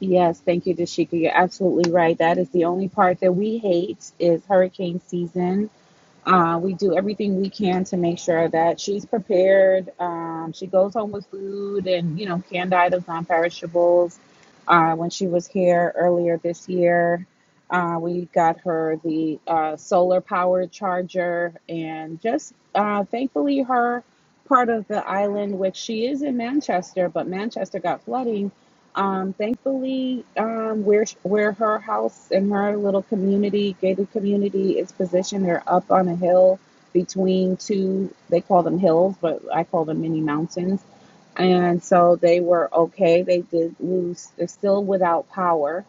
Yes, thank you, Dashika. You're absolutely right. That is the only part that we hate is hurricane season. Uh, we do everything we can to make sure that she's prepared. Um, she goes home with food and, you know, canned items, non perishables. Uh, when she was here earlier this year, uh, we got her the uh, solar powered charger and just uh, thankfully her part of the island, which she is in Manchester, but Manchester got flooding. Um, thankfully, um, where where her house and her little community, gated community, is positioned, they're up on a hill between two. They call them hills, but I call them mini mountains. And so they were okay. They did lose. They're still without power,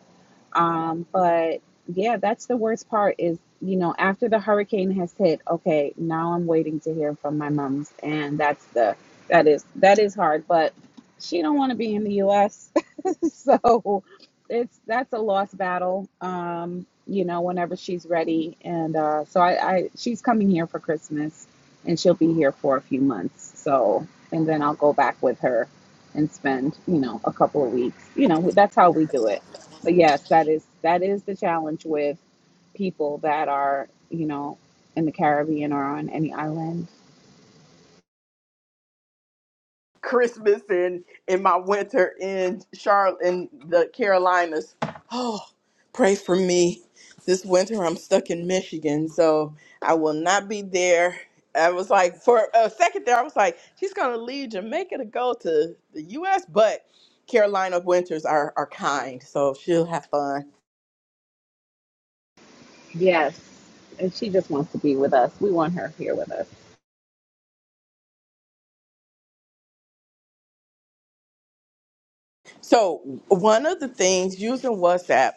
um, but yeah, that's the worst part is, you know, after the hurricane has hit, okay, now I'm waiting to hear from my mom's and that's the that is that is hard, but she don't want to be in the US. so it's that's a lost battle. Um, you know, whenever she's ready and uh so I, I she's coming here for Christmas and she'll be here for a few months. So and then I'll go back with her and spend, you know, a couple of weeks. You know, that's how we do it but yes, that is that is the challenge with people that are, you know, in the Caribbean or on any island.
Christmas and in my winter in Charlotte in the Carolinas. Oh, pray for me. This winter I'm stuck in Michigan, so I will not be there. I was like for a second there I was like she's going to leave Jamaica to go to the US, but Carolina winters are are kind, so she'll have fun.
Yes. And she just wants to be with us. We want her here with us.
So, one of the things using WhatsApp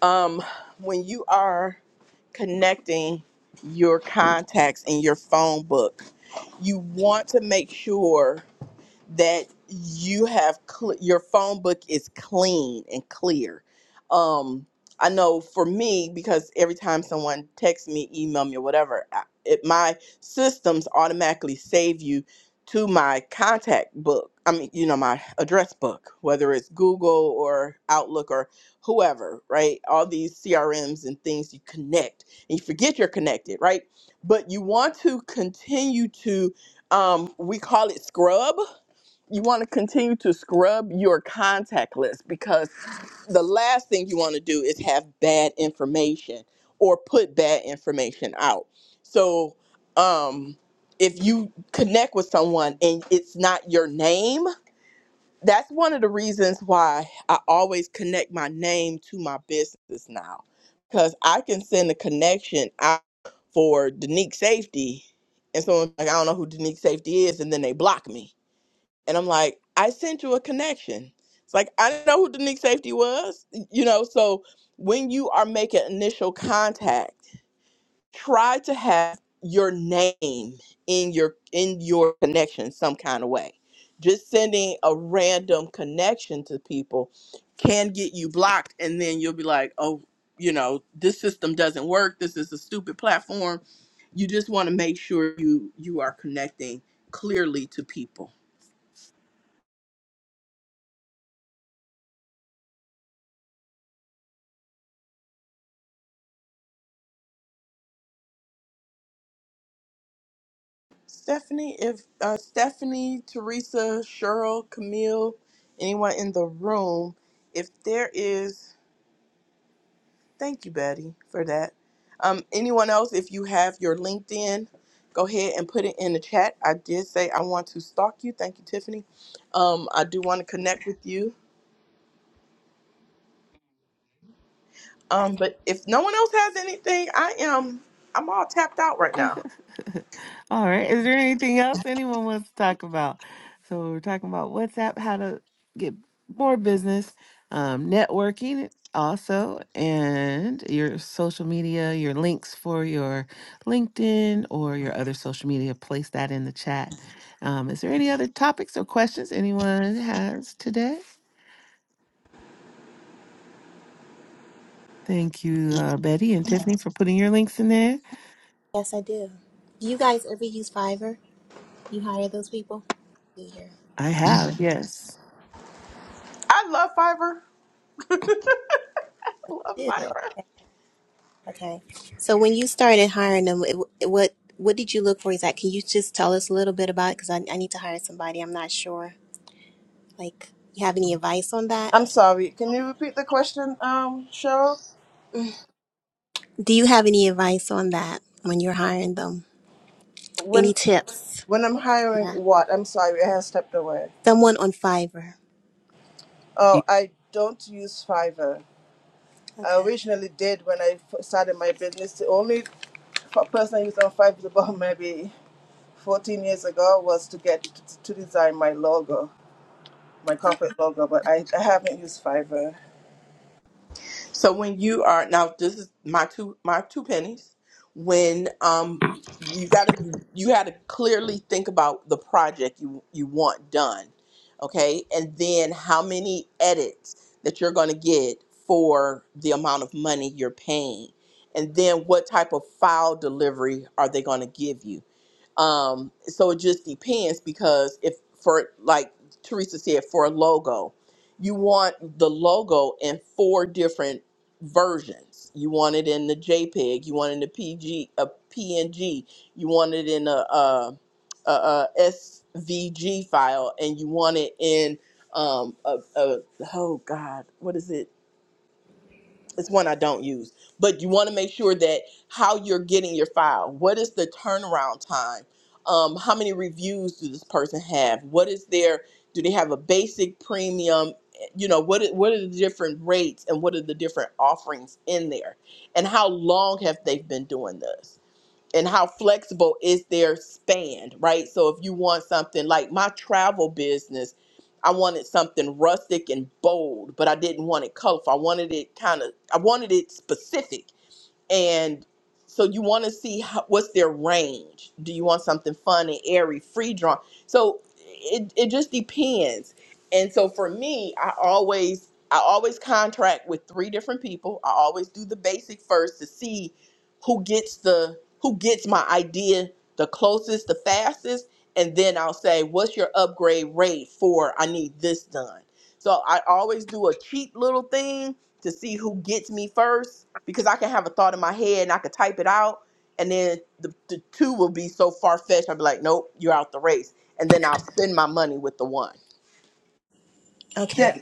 um when you are connecting your contacts in your phone book you want to make sure that you have cl- your phone book is clean and clear. Um, I know for me because every time someone texts me, email me, or whatever, I, it, my systems automatically save you to my contact book. I mean, you know, my address book, whether it's Google or Outlook or whoever, right? All these CRMs and things you connect, and you forget you're connected, right? But you want to continue to, um, we call it scrub you want to continue to scrub your contact list because the last thing you want to do is have bad information or put bad information out. So, um, if you connect with someone and it's not your name, that's one of the reasons why I always connect my name to my business now because I can send a connection out for Denique Safety. And someone's like, I don't know who Denique Safety is, and then they block me and I'm like, I sent you a connection. It's like, I didn't know who Denique Safety was. You know, so when you are making initial contact, try to have your name in your in your connection some kind of way. Just sending a random connection to people can get you blocked and then you'll be like, oh, you know, this system doesn't work. This is a stupid platform. You just want to make sure you you are connecting clearly to people Stephanie, if uh, Stephanie, Teresa, Cheryl, Camille, anyone in the room, if there is, thank you, Betty, for that. Um, anyone else, if you have your LinkedIn, go ahead and put it in the chat. I did say I want to stalk you. Thank you, Tiffany. Um, I do want to connect with you.
I
Um, but if no one else has anything, I am I'm all tapped out right now.
All right. Is there anything else anyone wants to talk about? So we're talking about WhatsApp, how to get more business, um, networking also, and your social media, your links for your LinkedIn or your other social media. Place that in the chat. Um, is there any other topics or questions anyone has today? Thank you, uh, Betty and Tiffany, for putting your links in there.
guess I do. Do you guys ever use Fiverr? You hire those people? Do you?
I have, yes.
I love Fiverr. I love
Do.
Fiverr.
Okay. So when you started hiring them, it, it- what what did you look for? Exactly. can you just tell us a little bit about? it? Because I I need to hire somebody. I'm not sure. Like, you have any advice on that? Mm. Do you have any advice on that when you're hiring them? Any tips? Yeah. Someone on Fiverr.
You-
Okay.
So when you are now, this is my two my two pennies. When um you gotta you gotta clearly think about the project you you want done, okay, and then how many edits that you're gonna get for the amount of money you're paying, and then what type of file delivery are they gonna give you? Um, so it just depends because if for like Teresa said, for a logo, you want the logo in four different versions. You want it in the JPEG, you want it in the PG, a PNG, you want it in a, a, a, a SVG file, and you want it in um, a, a oh god, what is it? it's one I don't use. But you want to make sure that how you're getting your file. What is the turnaround time? Um, how many reviews do this person have? What is their? Do they have a basic premium? You know what? are- What are the different rates and what are the different offerings in there? And how long have they been doing this? and how flexible is their span, right? So if you want something like my travel business, I wanted something rustic and bold, but I didn't want it colorful. I wanted it kind of I wanted it specific and so you want to see how, what's their range do you want something fun and airy free drawn so it, it just depends and so for me i always i always contract with three different people i always do the basic first to see who gets the who gets my idea the closest the fastest and then I'll say, "What's your upgrade rate for? I need this done." So I always do a cheat little thing to see who gets me first because I can have a thought in my head and I could type it out, and then the, the two will be so far fetched. I'll be like, "Nope, you're out the race," and then I'll spend my money with the one.
Okay.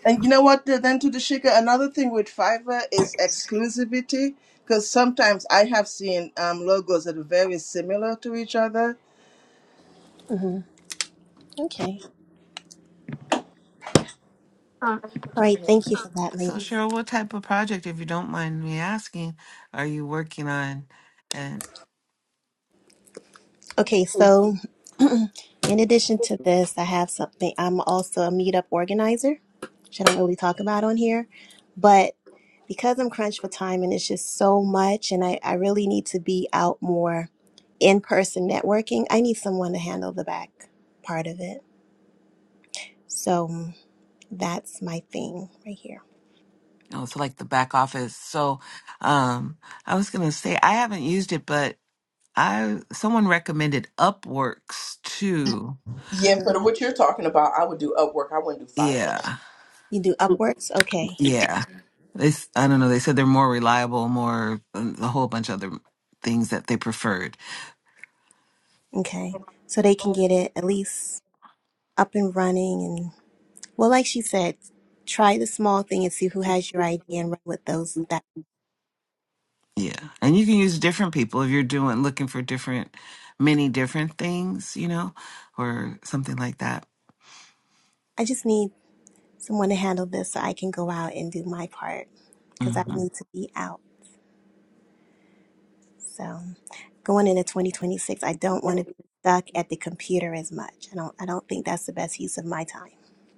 hmm Okay. All right. Thank you for that,
So,
ladies.
Cheryl, what type of project, if you don't mind me asking, are you working on? And
Okay. So, in addition to this, I have something. I'm also a meetup organizer, which I don't really talk about on here, but because I'm crunched for time and it's just so much, and I, I really need to be out more in person networking, I need someone to handle the back part of it. So, that's my thing right here.
oh, so like the back office. So, um, I was gonna say I haven't used it, but I someone recommended Upworks too.
Yeah,
hmm
for the, what you're talking about, I would do Upwork. I wouldn't do Fiverr.
Yeah,
You do Upworks? Okay.
yeah. This I don't know. They said they're more reliable, more um, a whole bunch of other things that they preferred.
Okay. So they can get it at least up and running and well like she said, try the small thing and see who has your idea and run with those that
Yeah, and you can use different people if you're doing looking for different, many different things, you know, or something like that.
I just need someone to handle this so I can go out and do my part cuz I
hmm
need to be out. So going into 2026, I don't want to be stuck at the computer as much. I don't I don't think that's the best use of my time.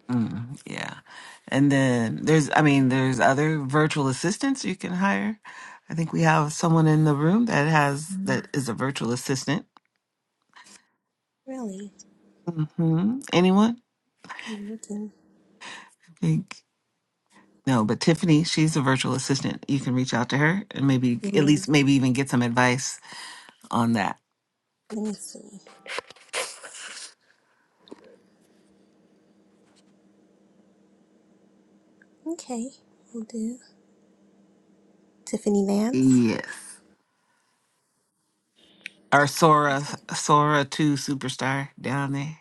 hmm Yeah. And then there's, I mean, there's other virtual assistants you can hire. I think we have someone in the room that has,
Mm.
that is a virtual assistant.
Really?
hmm Anyone?
I'm looking.
I think, no, but Tiffany, she's a virtual assistant. You can reach out to her and maybe, at
Mhm.
least, maybe even get some advice on that.
Let me see. Okay, we'll do. Tiffany Nance.
Yes. Our
You
Sora,
take it.
Sora 2 superstar down there.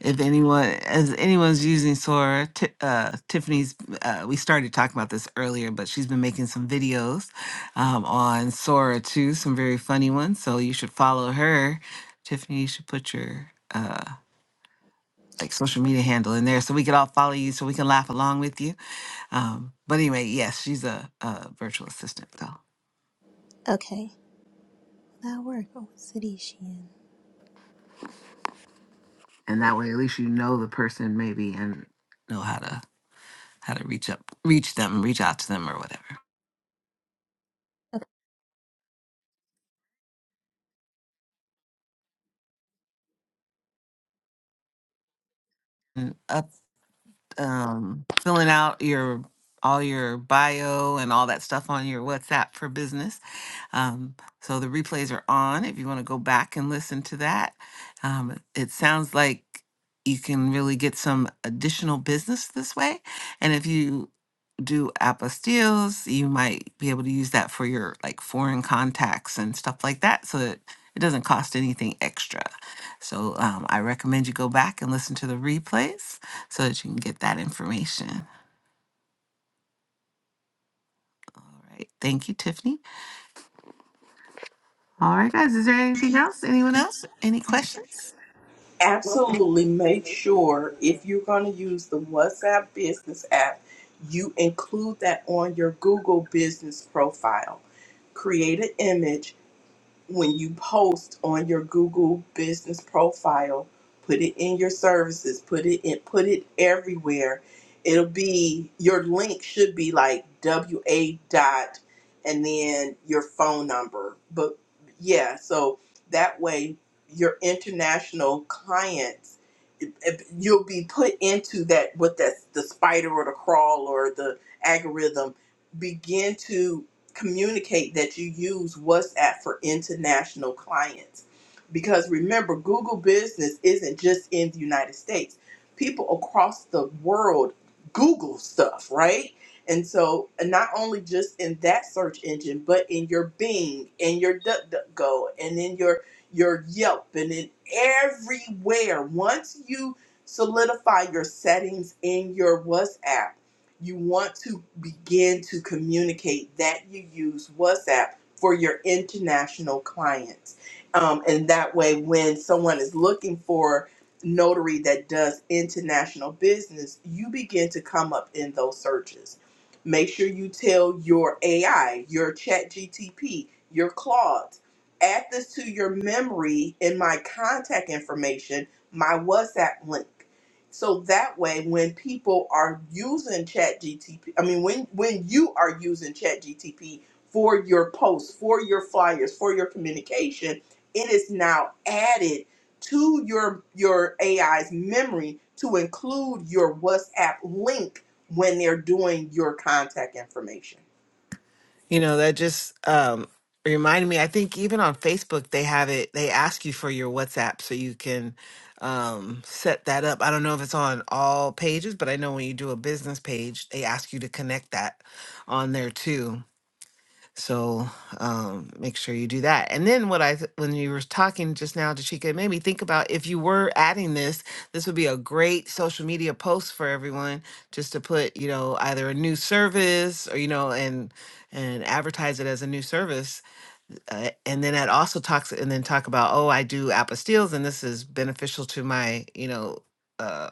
if anyone as anyone's using Sora, Ti- uh, Tiffany's. Uh, we started talking about this earlier, but she's been making some videos um, on Sora too, some very funny ones. So you should follow her. Tiffany, you should put your uh, like social media handle in there so we can all follow you, so we can laugh along with you. Um, but anyway, yes, she's a, a virtual assistant though,
Okay. That work, oh city she in!
and that way at least you know the person maybe and know how to how to reach up, reach them, reach out to them or whatever um, filling out your all your bio and all that stuff on your WhatsApp for business. Um, so the replays are on if you want to go back and listen to that. Um, it sounds like you can really get some additional business this way. And if you do apostilles. You might be able to use that for your like foreign contacts and stuff like that. So it, it doesn't cost anything extra. So um, I recommend you go back and listen to the replays so that you can get that information. All right. Thank you, Tiffany. All right, guys. Is there anything else? Anyone else? Any questions?
absolutely make sure if you're going to use the WhatsApp business app, you include that on your Google business profile. Create an image when you post on your Google business profile, put it in your services, put it in, put it everywhere. It'll be your link should be like WA dot and then your phone number. But yeah, so that way your international clients it- it- you'll be put into that what that's the spider or the crawl or the algorithm begin to communicate that you use WhatsApp for international clients. Because remember, Google Business isn't just in the United States, people across the world Google stuff, right? And so, and not only just in that search engine, but in your Bing and your DuckDuckGo and in your your Yelp and in everywhere. Once you solidify your settings in your WhatsApp, you want to begin to communicate that you use WhatsApp for your international clients. Um, and that way, when someone is looking for notary that does international business, you begin to come up in those searches. Make sure you tell your AI, your chat GTP, your Claude, add this to your memory in my contact information, my WhatsApp link so that way, when people are using ChatGTP, I mean, when when you are using ChatGTP for your posts, for your flyers, for your communication, it is now added to your your AI's memory to include your WhatsApp link when they're doing your contact information.
You know, that just um, reminded me. I think even on Facebook, they have it, they ask you for your WhatsApp so you can um, set that up. I don't know if it's on all pages, but I know when you do a business page, they ask you to connect that on there too. So um, make sure you do that. And then what I th- when you were talking just now, Jashika, it made me think about if you were adding this, this would be a great social media post for everyone just to put, you know, either a new service or you know, and and advertise it as a new service uh, and then that also talks and then talk about oh i do apostilles and this is beneficial to my you know uh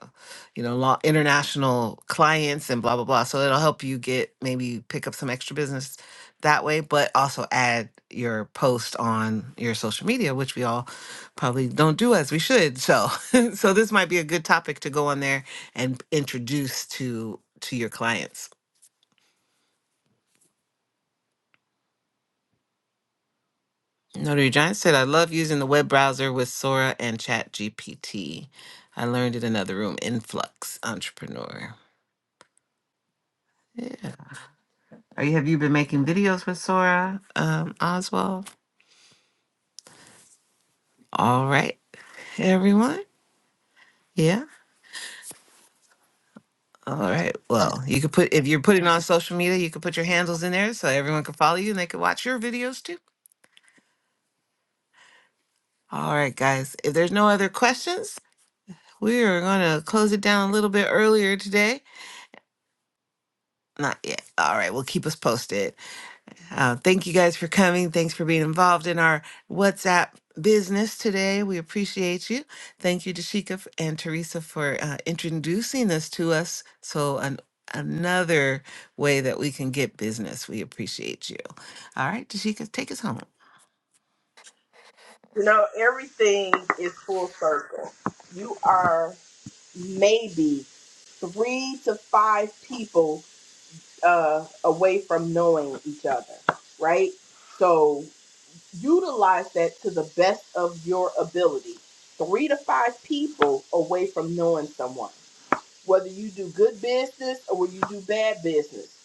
you know law international clients and blah blah blah so it'll help you get maybe pick up some extra business that way but also add your post on your social media which we all probably don't do as we should so so this might be a good topic to go on there and introduce to to your clients Notary Giant said, I love using the web browser with Sora and ChatGPT. I learned in another room, Influx Entrepreneur. Yeah. Are you, have you been making videos with Sora, um, Oswald? All right, everyone. Yeah. All right. Well, you could put, if you're putting on social media, you could put your handles in there so everyone can follow you and they can watch your videos too. All right, guys. If there's no other questions, we are going to close it down a little bit earlier today. Not yet. All right. right. We'll keep us posted. Uh, thank you guys for coming. Thanks for being involved in our WhatsApp business today. We appreciate you. Thank you, Dashika f- and Teresa, for uh, introducing this to us. So, an, another way that we can get business. We appreciate you. All right, Dashika, take us home.
You know, everything is full circle. You are maybe three to five people uh, away from knowing each other, right? So utilize that to the best of your ability. Three to five people away from knowing someone, whether you do good business or whether you do bad business.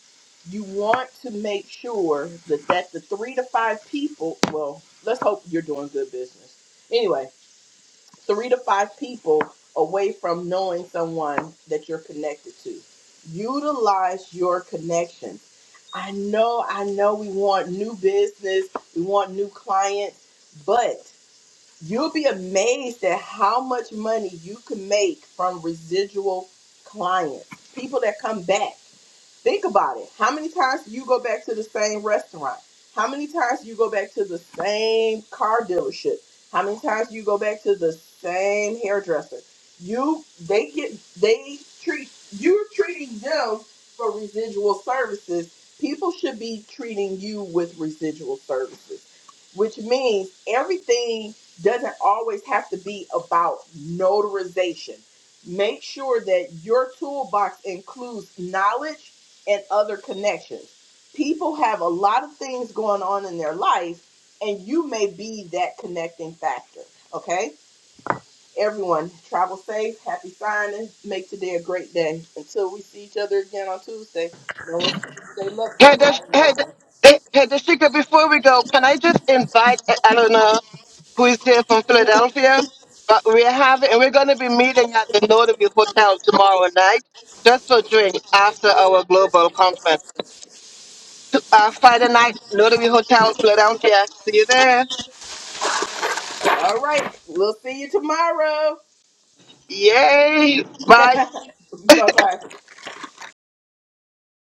You want to make sure that that the three to five people. Well, let's hope you're doing good business. anyway three to five people away from knowing someone that you're connected to. Utilize your connections. I know, I know we want new business, we want new clients, but you'll be amazed at how much money you can make from residual clients, people that come back. Think about it. How many times do you go back to the same restaurant? How many times do you go back to the same car dealership? How many times do you go back to the same hairdresser? You they get they treat you're treating them for residual services. People should be treating you with residual services, which means everything doesn't always have to be about notarization. Make sure that your toolbox includes knowledge and other connections. People have a lot of things going on in their life, and you may be that connecting factor. Okay? Everyone, travel safe, happy signing, make today a great day. Until we see each other again on Tuesday, no one should say love you.
Heather,
I love
Heather,
you.
eh, Heather Shaker, before we go, can I just invite, eh, I don't know who is here from Philadelphia, but we're having, and we're going to be meeting at the Notary Hotel tomorrow night just for drinks after our global conference. To- Uh, Friday night, Notary Hotel, Philadelphia. See you there.
All right, we'll see you tomorrow.
Yay. Bye.
bye bye.